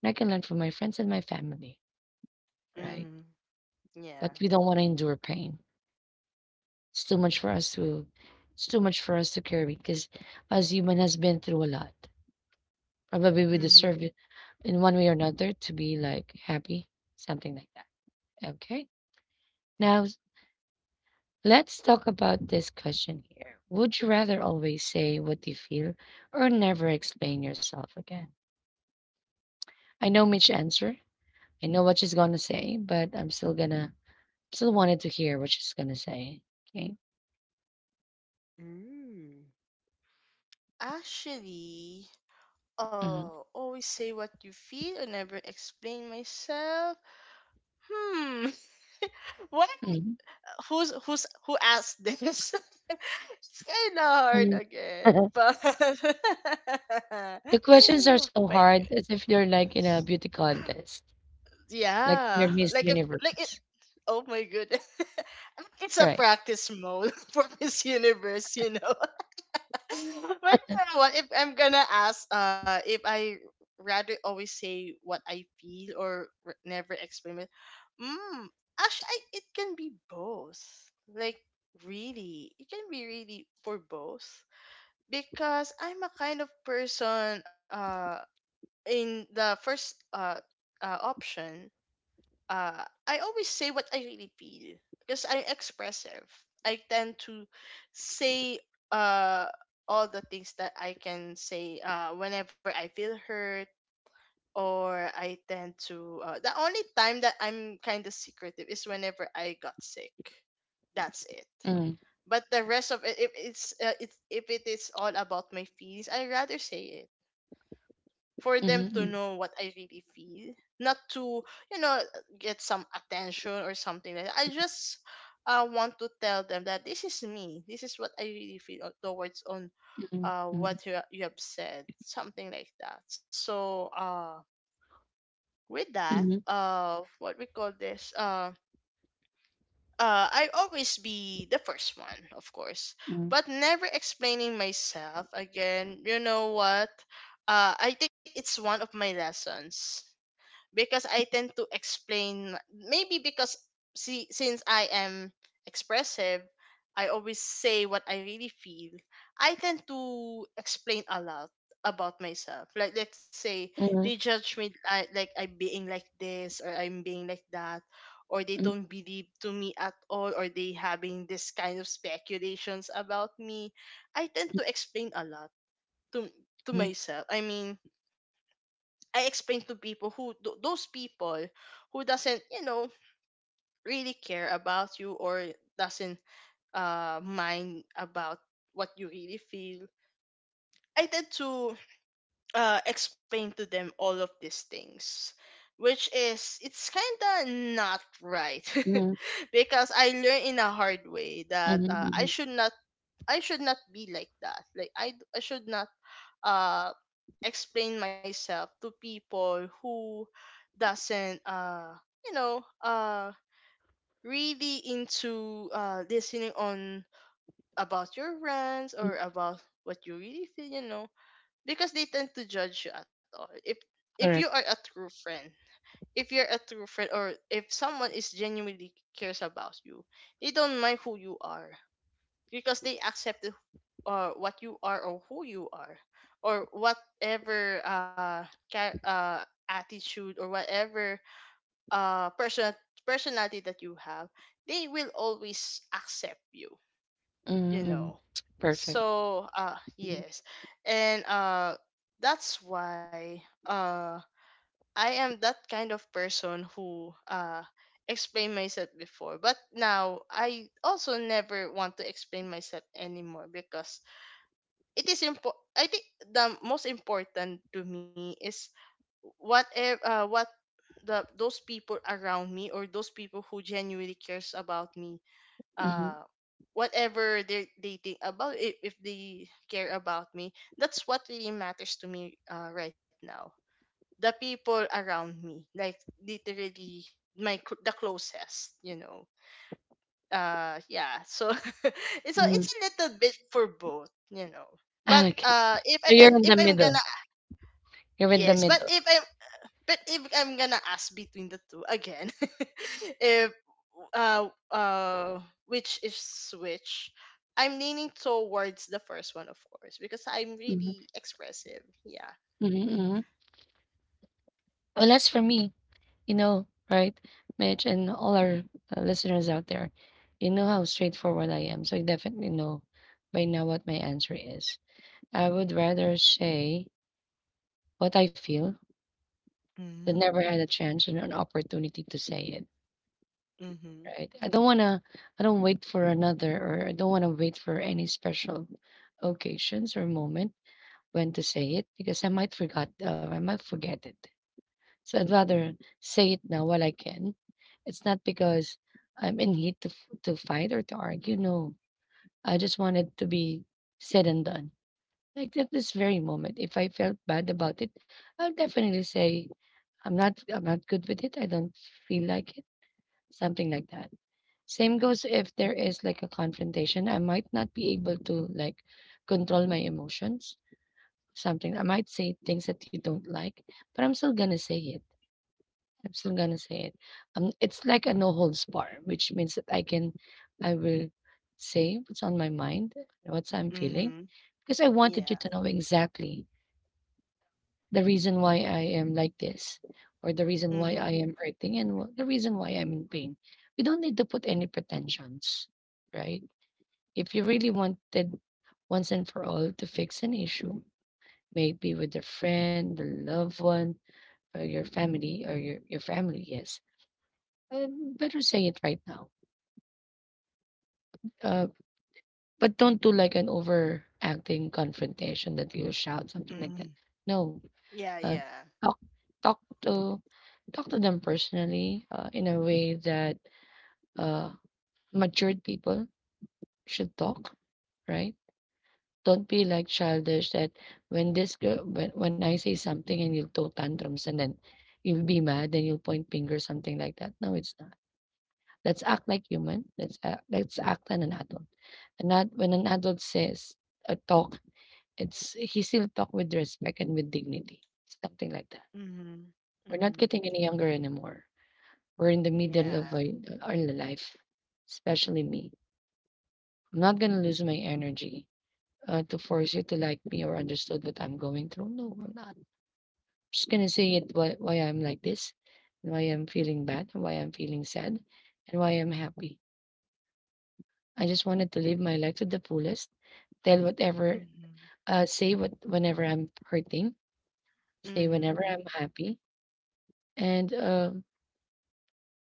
S1: And I can learn from my friends and my family, right?
S2: Hmm.
S1: But
S2: Yeah.
S1: we don't wanna endure pain. It's too much for us to it's too much for us to carry because, as human has been through a lot. Probably we
S2: Hmm. Mm. Hmm. Yeah.
S1: deserve
S2: Hmm.
S1: it in one way or another to be, like, happy, something like that. Okay. Now s let's talk about this question here. Would you rather always say what you feel or never explain yourself again? I know Mitch answer. I know what she's gonna say, but I'm still gonna still wanted to hear what she's gonna say. Okay.
S2: Mm. Actually,
S1: Mhm.
S2: oh, always say what you feel and never explain myself. Hmm. <laughs> What?
S1: Mhm.
S2: Who asked this? <laughs> It's kind of hard
S1: Mhm.
S2: again,
S1: <laughs>
S2: but
S1: The questions are
S2: <laughs>
S1: so
S2: my good,
S1: hard as if you're like in a beauty contest, like
S2: yeah,
S1: you're Miss
S2: like if like it.
S1: Universe.
S2: Oh my goodness, <laughs> it's a
S1: Right.
S2: practice mode <laughs> for Miss Universe, you know. <laughs> But you know what? If I'm gonna ask, if I rather always say what I feel, or never explain it? Mm, actually, I, it can be both. Like really, it can be really for both, because I'm a kind of person. In the first option, I always say what I really feel, because I'm expressive. I tend to say, uh, all the things that I can say, whenever I feel hurt, or I tend to. The only time that I'm kind of secretive is whenever I got sick. That's it.
S1: Mm,
S2: But the rest of it, if it's it's, if it is all about my feelings, I rather say it for them
S1: mhm,
S2: to know what I really feel. Not to, you know, get some attention or something like that. I just, want to tell them that this is me. This is what I really feel towards on,
S1: mhm, mhm,
S2: what you have said. Something like that. So, with that,
S1: mhm,
S2: what we call this, I always be the first one, of course,
S1: mhm,
S2: but never explaining myself again. You know what? I think it's one of my lessons, because I tend to explain, maybe because, see, since I am expressive, I always say what I really feel. I tend to explain a lot about myself. Like, let's say they
S1: mhm,
S2: judge me, I, like I'm being like this or I'm being like that, or they
S1: mhm,
S2: don't believe to me at all, or they having this kind of speculations about me. I tend to explain a lot to
S1: mhm,
S2: myself. I mean, I explain to people who those people who doesn't, you know, really care about you, or doesn't mind about what you really feel. I tend to explain to them all of these things, which is it's kinda not right.
S1: mhm,
S2: <laughs> Because I learned in a hard way
S1: mhm,
S2: that, I
S1: mhm,
S2: should not, I should not be like that. Like I, I should not uh explain myself to people who doesn't you know, really into listening on about your rants or
S1: mhm.
S2: about what you really feel, you know, because they tend to judge you at all. If you are
S1: Correct.
S2: a true friend, if you're a true friend, or if someone is genuinely cares about you, they don't mind who you are because they accept what you are or who you are, or whatever char- uh attitude or whatever uh person personality that you have, they will always accept you,
S1: Mhm,
S2: you
S1: mhm.
S2: know.
S1: Perfect.
S2: So
S1: Mhm,
S2: yes. And that's why I am that kind of person who explain myself before, but now I also never want to explain myself anymore, because it is important. I think the most important to me is what the those people around me or those people who genuinely cares about me,
S1: mhm,
S2: uh whatever they think about it. If they care about me, that's what really matters to me, right now. The people around me, like, literally the closest, you know. Yeah, so <laughs> so
S1: mhm.
S2: it's a little bit for both, you know. But
S1: Okay.
S2: if
S1: So
S2: I
S1: you're in
S2: if
S1: the
S2: I'm
S1: middle.
S2: gonna,
S1: You're in
S2: yes,
S1: the
S2: but if
S1: middle.
S2: i but if I'm gonna ask between the two again, <laughs> if uh uh which is which, I'm leaning towards the first one, of course, because I'm
S1: Mhm,
S2: really expressive. Yeah.
S1: mhm, mhm. Well, as for me, you know, right, Mitch, and all our listeners out there, you know how straightforward I am. So you definitely know by now what my answer is. I would rather say what I feel than never had
S2: Mm.
S1: a chance and an opportunity to say it.
S2: Mm-hmm.
S1: Right. I don't wanna. I don't wait for another, or I don't wanna wait for any special occasions or moment when to say it because I might forget. I might forget it. So I'd rather say it now while I can. It's not because I'm in heat to to fight or to argue. No, I just want it to be said and done. Like at this very moment, if I felt bad about it, I'll definitely say I'm not good with it. I don't feel like it. Something like that. Same goes if there is like a confrontation. I might not be able to like control my emotions. Something I might say things that you don't like, but I'm still gonna say it. It's like a no holds bar, which means that I can, I will say what's on my mind, what I'm feeling,
S2: Mm-hmm.
S1: because I wanted you
S2: Yeah.
S1: to know exactly the reason why I am like this, or the reason why
S2: Mm-hmm.
S1: I am hurting, and the reason why I'm in pain. We don't need to put any pretensions, right? If you really wanted once and for all to fix an issue, maybe with a friend, a loved one, or your family, yes. And better say it right now. Uh, but don't do like an overacting confrontation that you shout something like
S2: Mm-hmm.
S1: that. No,
S2: Yeah,
S1: uh,
S2: yeah.
S1: talk talk to talk to them personally in a way that uh, matured people should talk, right? Don't be like childish that when this girl when I say something and you'll throw tantrums and then you'll be mad and you'll point fingers something like that. No, it's not. Let's act like human. Let's act like an adult. And that when an adult says a talk, it's he still talk with respect and with dignity, something like that.
S2: Mm-hmm.
S1: We're not
S2: Mm-hmm.
S1: getting any younger anymore. We're in the
S2: Yeah.
S1: middle of our life, especially me. I'm not gonna lose my energy to force you to like me or understood what I'm going through. No, I'm not. I'm just gonna say it why I'm like this, and why I'm feeling bad, and why I'm feeling sad, and why I'm happy. I just wanted to live my life to the fullest tell whatever,
S2: Mm-hmm.
S1: say what whenever I'm hurting, say
S2: Mm-hmm.
S1: whenever I'm happy, and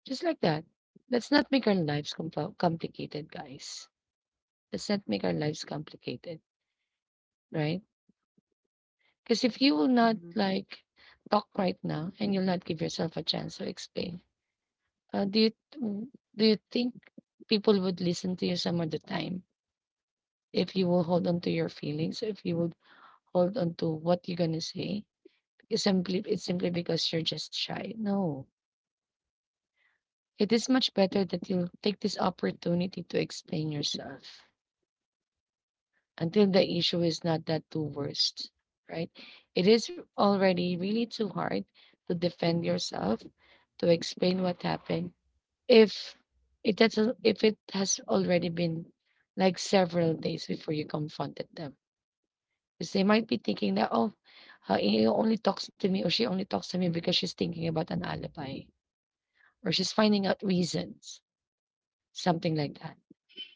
S1: just like that. Let's not make our lives compl- complicated, guys. Let's not make our lives complicated, right? Because if you will not
S2: Mm-hmm.
S1: like talk right now and you'll not give yourself a chance to explain, do you do you think people would listen to you some of the time if you will hold on to your feelings, if you would hold on to what you're gonna say? It's simply because you're just shy. No. It is much better that you take this opportunity to explain yourself until the issue is not that too worst, right? It is already really too hard to defend yourself, to explain what happened. If it has, if it has already been like several days before you confronted them. Because they might be thinking that, oh, he only talks to me or she only talks to me because she's thinking about an alibi or she's finding out reasons, something like that.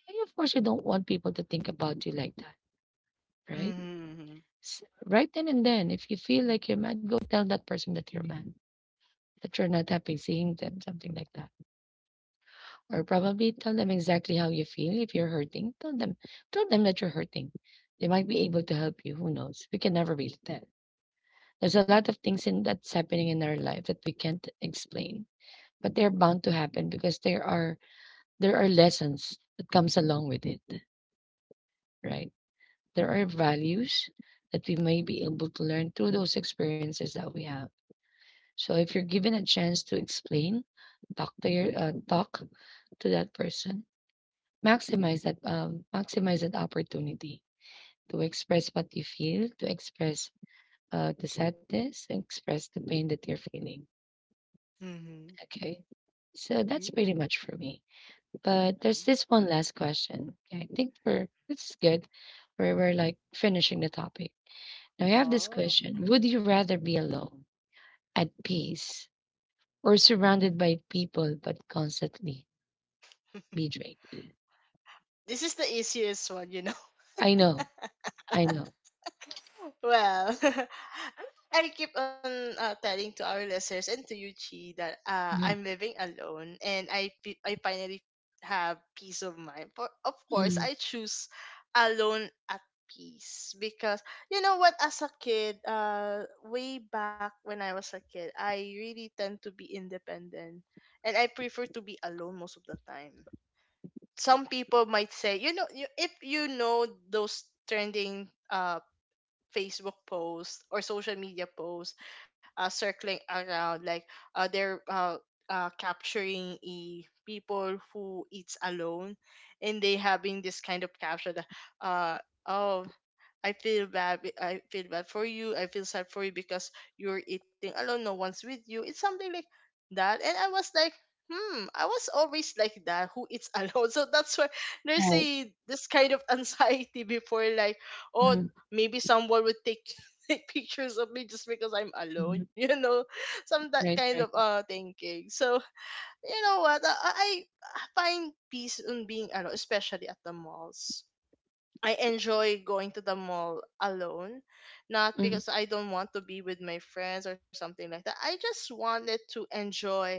S1: And of course, you don't want people to think about you like that, right?
S2: Mm-hmm.
S1: Right then and then, if you feel like you're mad, go tell that person that you're mad, that you're not happy seeing them, something like that. Or probably tell them exactly how you feel. If you're hurting, tell them that you're hurting. They might be able to help you. Who knows? We can never really tell. There's a lot of things in that's happening in our life that we can't explain, but they're bound to happen because there are lessons that comes along with it, right? There are values that we may be able to learn through those experiences that we have. So if you're given a chance to explain, talk to your talk to that person, maximize that maximize that opportunity to express what you feel, to express the sadness, to express the pain that you're feeling.
S2: Mm-hmm.
S1: Okay, so that's pretty
S2: Mm-hmm.
S1: much for me. But
S2: No.
S1: there's this one last question. Okay, I think we're this is good. We're like finishing the topic. Now I have this
S2: Oh.
S1: question. Would you rather be alone, at peace, or surrounded by people but constantly be drained?
S2: This is the easiest one, you know.
S1: I know, I
S2: <laughs>
S1: know.
S2: Well, <laughs> I keep on telling to our listeners and to you, Chi, that I'm
S1: Mhm,
S2: living alone and I finally have peace of mind. For, of course,
S1: mhm.
S2: I choose alone at peace, because you know what? As a kid, way back when I was a kid, I really tend to be independent, and I prefer to be alone most of the time. Some people might say, you know, you, if you know those trending Facebook posts or social media posts circling around, like, they're capturing e people who eats alone, and they having this kind of caption that, uh oh, I feel bad for you, I feel sad for you because you're eating alone, no one's with you, it's something like that. And I was like, hmm, I was always like that, who eats alone. <laughs> So that's why there's
S1: Right.
S2: a this kind of <laughs> anxiety before, like, oh,
S1: Mhm,
S2: maybe someone would take <laughs> take pictures of me just because I'm
S1: mhm.
S2: alone, you know. <laughs> Some that
S1: Right,
S2: kind of
S1: right.
S2: thinking. So you know what, I find peace in being alone, especially at the malls. I enjoy going to the mall alone, not
S1: Mhm,
S2: because I don't want to be with my friends or something like that. I just wanted to enjoy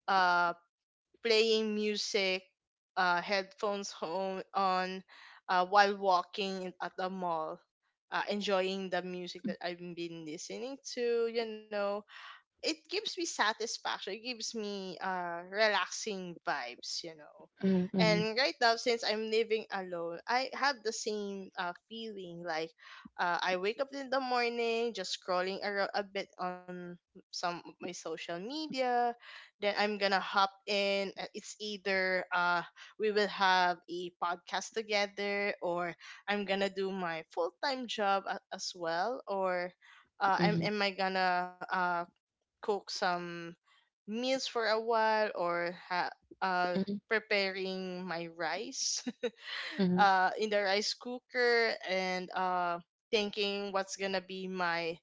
S2: uh playing music, headphones home on, while at the mall, enjoying the music that I've been listening to, you know. It gives me satisfaction. It gives me relaxing vibes, you know.
S1: mhm, mhm,
S2: And right now, since I'm living alone, I have the same feeling. Like, I wake up in the morning, just scrolling around a bit on some of my social media. Then I'm gonna hop in. It's either we will have a podcast together, or I'm gonna do my full time job as well, or
S1: mhm,
S2: am I gonna cook some meals for a while, or uh,
S1: mhm,
S2: preparing my rice <laughs>
S1: mhm.
S2: in the rice cooker, and thinking what's gonna be my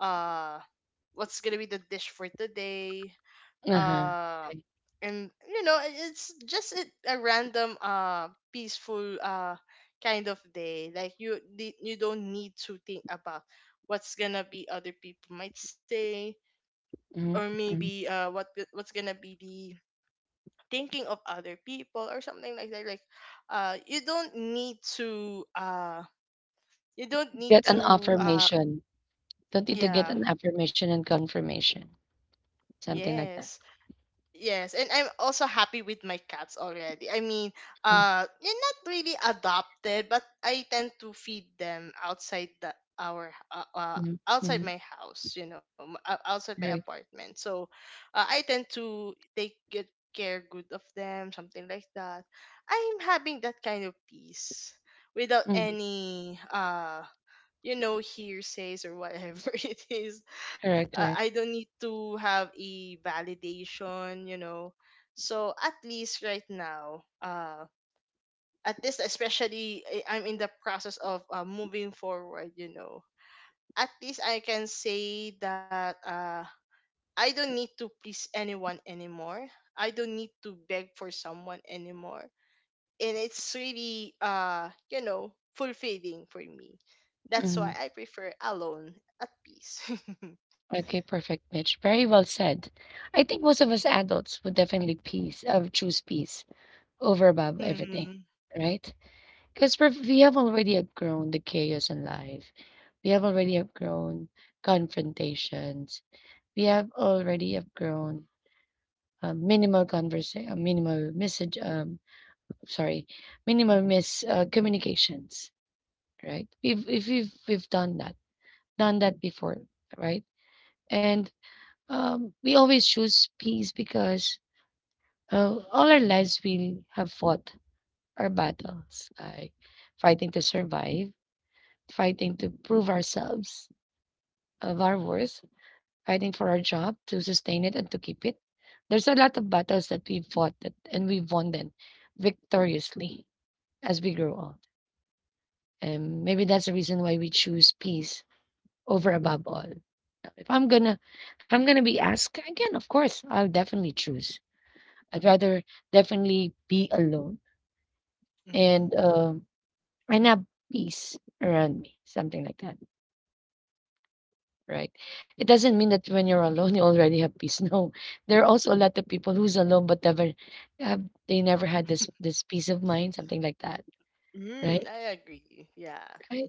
S2: uh, what's gonna be the dish for today,
S1: Uh-huh.
S2: uh,
S1: Right.
S2: and you know it's just a random peaceful kind of day. Like, you don't need to think about what's gonna be other people might say, or
S1: Mhm, mhm.
S2: maybe what's gonna be the thinking of other people, or something like that. Like, you don't need to you don't need
S1: Get an
S2: to
S1: affirmation. Don't need to get
S2: yeah,
S1: an affirmation and confirmation. Something like
S2: yes.
S1: that.
S2: Yes, and I'm also happy with my cats already. I mean,
S1: Mhm,
S2: they're not really adopted, but I tend to feed them outside the our
S1: mhm,
S2: outside
S1: mhm.
S2: my house, you know, outside my
S1: Right.
S2: apartment. So, I tend to take good care good of them, something like that. I'm having that kind of peace without
S1: Mhm.
S2: any you know hearsays or whatever <laughs> it is.
S1: Correct, correct.
S2: I don't need to have a validation, you know. So at least right now, at least, especially I'm in the process of moving forward, you know. At least I can say that I don't need to please anyone anymore. I don't need to beg for someone anymore. And it's really, you know, fulfilling for me. That's
S1: Mm-hmm.
S2: why I prefer alone at peace. <laughs>
S1: Okay, perfect, Mitch. Very well said. I think most of us adults would definitely peace, choose peace over above everything,
S2: Mm-hmm.
S1: right? Because we have already outgrown the chaos in life. We have already outgrown confrontations. We have already outgrown minimal conversation, minimal message. Sorry, Minimal mis communications, right? If we've done that before, right? And we always choose peace because all our lives we have fought our battles, like fighting to survive, fighting to prove ourselves of our worth, fighting for our job to sustain it and to keep it. There's a lot of battles that we fought that, and we won them victoriously as we grow old. And maybe that's the reason why we choose peace over above all. If I'm gonna, if I'm gonna be asked again, of course, I'd rather definitely be alone and
S2: Mm.
S1: um and have peace around me, something like that, right? It doesn't mean that when you're alone <laughs> you already have peace. No, there are also a lot of people who's alone but never have they never had this peace of mind, something like that,
S2: Mm,
S1: right?
S2: I agree, yeah.
S1: Right?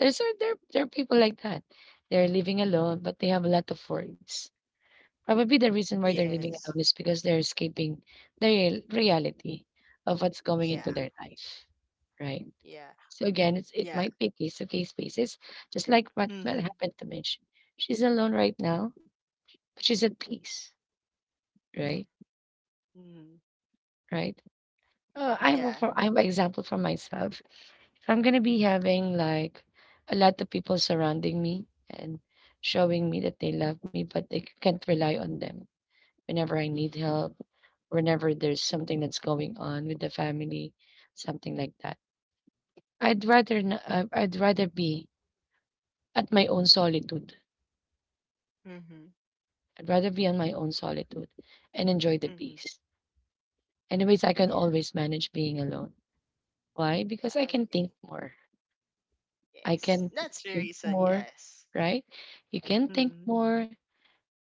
S1: There there are people like that. They're living alone but they have a lot of worries. Probably the reason why they're living
S2: Yes.
S1: alone is because they're escaping the real reality of what's going
S2: Yeah,
S1: into their life, right?
S2: yeah,
S1: So again, it
S2: yeah.
S1: might be a case to case basis, just like what
S2: Mm-hmm.
S1: happened to Mitch. She's alone right now, but she's at peace, right?
S2: Mm-hmm.
S1: Right. I have a,
S2: Yeah.
S1: for, I have an example for myself. If I'm gonna be having like a lot of people surrounding me and showing me that they love me, but they can't rely on them whenever I need help, whenever there's something that's going on with the family, something like that. I'd rather be at my own solitude.
S2: Mm-hmm.
S1: I'd rather be on my own solitude and enjoy the
S2: Mm-hmm.
S1: peace. Anyways, I can
S2: Yeah.
S1: always manage being alone. Why?
S2: Yeah,
S1: Because I
S2: I
S1: can
S2: agree.
S1: think more. I
S2: Yes,
S1: can
S2: that's the
S1: think
S2: reason,
S1: more,
S2: yes.
S1: right? You can think
S2: Mm-hmm.
S1: more.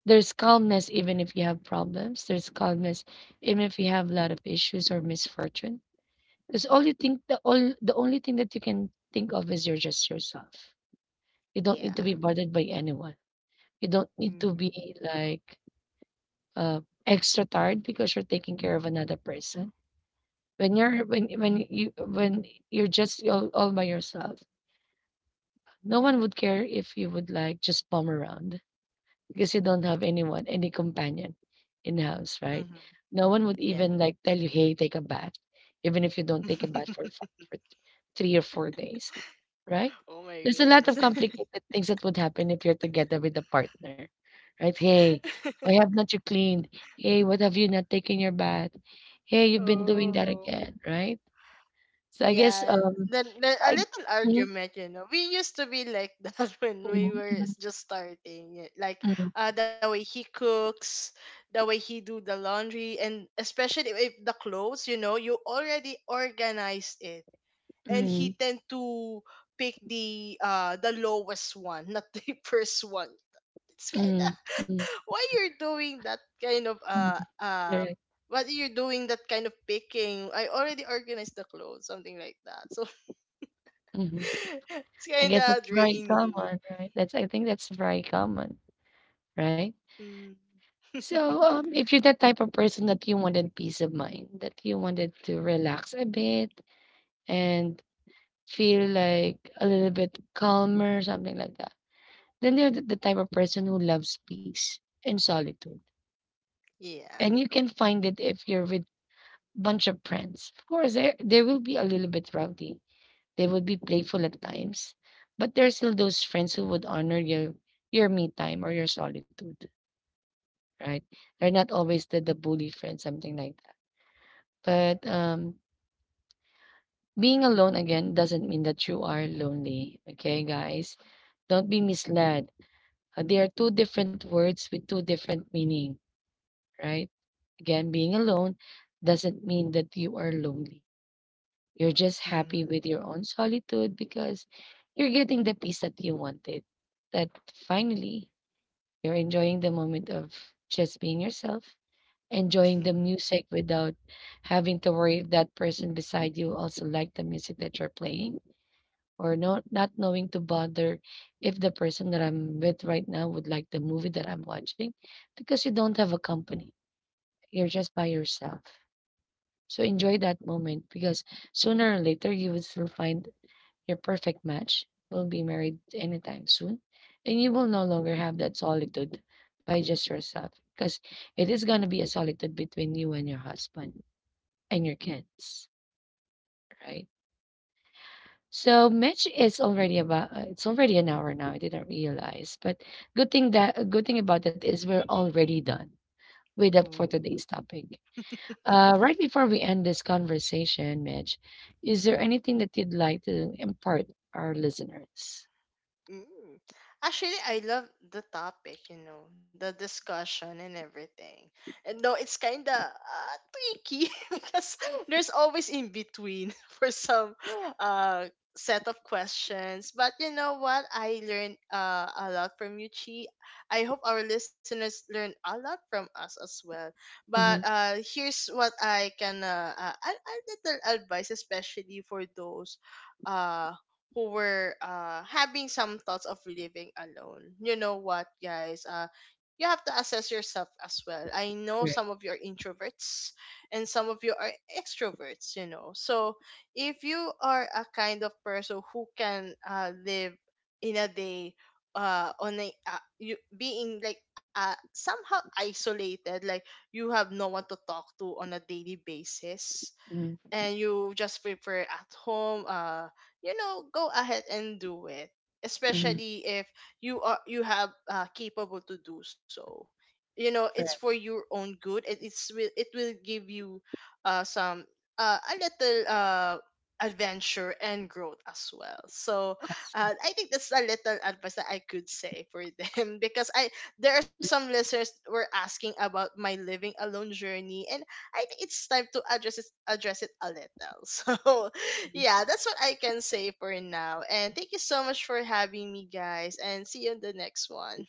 S1: There's calmness even if you have problems. There's calmness even if you have a lot of issues or misfortune. Because all you think the all the only thing that you can think of is you're just yourself. You don't need to
S2: Yeah.
S1: be bothered by anyone. You don't need to
S2: Mm-hmm.
S1: be like uh extra tired because you're taking care of another person. When you're just all by yourself, no one would care if you would like just bum around because you don't have anyone, any companion in house, right?
S2: Mm-hmm.
S1: No one would
S2: Yeah.
S1: even like tell you, hey, take a bath, even if you don't take a bath for,
S2: <laughs>
S1: for three or four days, right?
S2: Oh my
S1: There's a lot
S2: goodness.
S1: of complicated things that would happen if you're together with a partner, right? Hey,
S2: <laughs>
S1: why have not you cleaned? Hey, what have you not taken your bath? Hey, you've been doing that
S2: Oh,
S1: again, right? So I guess,
S2: yeah. Then a
S1: I
S2: little
S1: mhm,
S2: argument, you know. We used to be like <laughs> that when we
S1: mhm,
S2: were
S1: mhm,
S2: just starting. It, like,
S1: mhm,
S2: the way he cooks, the way he do the laundry, and especially if the clothes, you know, you already organized it, and
S1: mhm,
S2: he tend to pick the lowest one, not the <laughs> first one. It's kind of
S1: mhm, mhm,
S2: <laughs> why you're doing that kind of
S1: mhm, correct,
S2: what you're doing, that kind of picking? I already organized the clothes, something like that. So <laughs>
S1: mhm.
S2: it's
S1: I
S2: kind
S1: guess that's
S2: of
S1: very
S2: draining.
S1: common, right? That's I think that's very common, right?
S2: Mm. <laughs>
S1: So, if you're that type of person that you wanted peace of mind, that you wanted to relax a bit and feel like a little bit calmer, something like that, then you're the type of person who loves peace and solitude.
S2: Yeah.
S1: And you can find it if you're with bunch of friends. Of course, there will be a little bit rowdy. They would be playful at times, but there are still those friends who would honor your me time or your solitude, right? They're not always the bully friends, something like that. But being alone again doesn't mean that you are lonely. Okay, guys, don't be misled. They are two different words with two different meaning, right? Again, being alone doesn't mean that you are lonely. You're just happy
S2: Mm-hmm.
S1: with your own solitude because you're getting the peace that you wanted. That finally, you're enjoying the moment of just being yourself, enjoying the
S2: Mm-hmm.
S1: music without having to worry if that person beside you also like the music that you're playing or no, not knowing to bother if the person that I'm with right now would like the movie that I'm watching because you don't have a company. You're just by yourself. So enjoy that moment because sooner or later you will still find your perfect match will be married anytime soon, and you will no longer have that solitude by just yourself because it is going to be a solitude between you and your husband and your kids, right? So Mitch is already about it's already an hour now. I didn't realize, but good thing that a good thing about that is we're already done with up for
S2: Ooh.
S1: today's topic. Right before we end this conversation, Mitch, is there anything that you'd like to impart our listeners?
S2: Mm. Actually, I love the topic, you know, the discussion and everything. And no, it's kind of tricky <laughs> because there's always in between <laughs> for some uh set of questions. But you know what? I learned a lot from you, Chi. I hope our listeners learn a lot from us as well. But
S1: Mhm.
S2: here's what I can a little advice, especially for those. Uh, who were having some thoughts of living alone. You know what, guys? You have to assess yourself as well. I know some
S1: Correct.
S2: of you are introverts and some of you are extroverts, you know. So if you are a kind of person who can live in a day, on a you being like somehow isolated, like you have no one to talk to on a daily basis,
S1: Mhm.
S2: and you just prepare at home, you know, go ahead and do it.
S1: Mhm.
S2: Especially if you have, capable to do so, you know. It's
S1: Correct.
S2: for your own good. It's will it will give you some a little adventure and growth as well. So
S1: Awesome.
S2: I think that's a little advice that I could say for <laughs> them, because I there are some listeners were asking about my living alone journey. And I think it's time to address it a little. <laughs> So, yeah, that's what I can say for now. And thank you so much for having me, guys. And see you in the next one.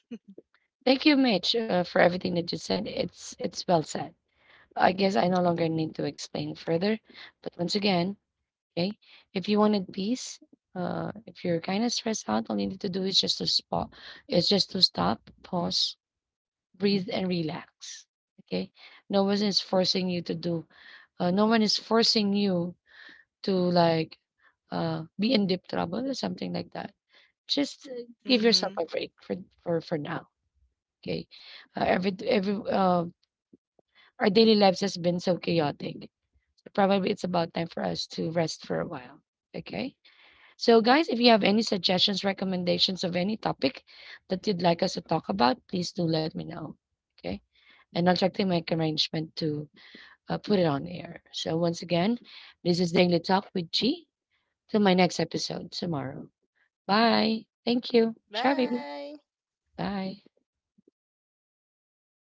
S1: Thank you, Mitch, for everything that you said. It's well said. I guess I no longer need to explain further, but once again, okay, if you wanted peace, if you're kind of stressed out, all you need to do is is just to stop, pause, breathe, and relax. Okay, no one is forcing you to do. No one is forcing you to like be in deep trouble or something like that. Just give yourself
S2: Hmm.
S1: a break for for now. Okay, every our daily lives has been so chaotic. Probably it's about time for us to rest for a while. Okay, so guys, if you have any suggestions, recommendations of any topic that you'd like us to talk about, please do let me know. Okay, and I'll try to make arrangement to put it on air. So once again, this is Daily Talk with G. Till my next episode tomorrow. Bye. Thank you. Ciao, baby.
S2: Bye.
S1: Bye.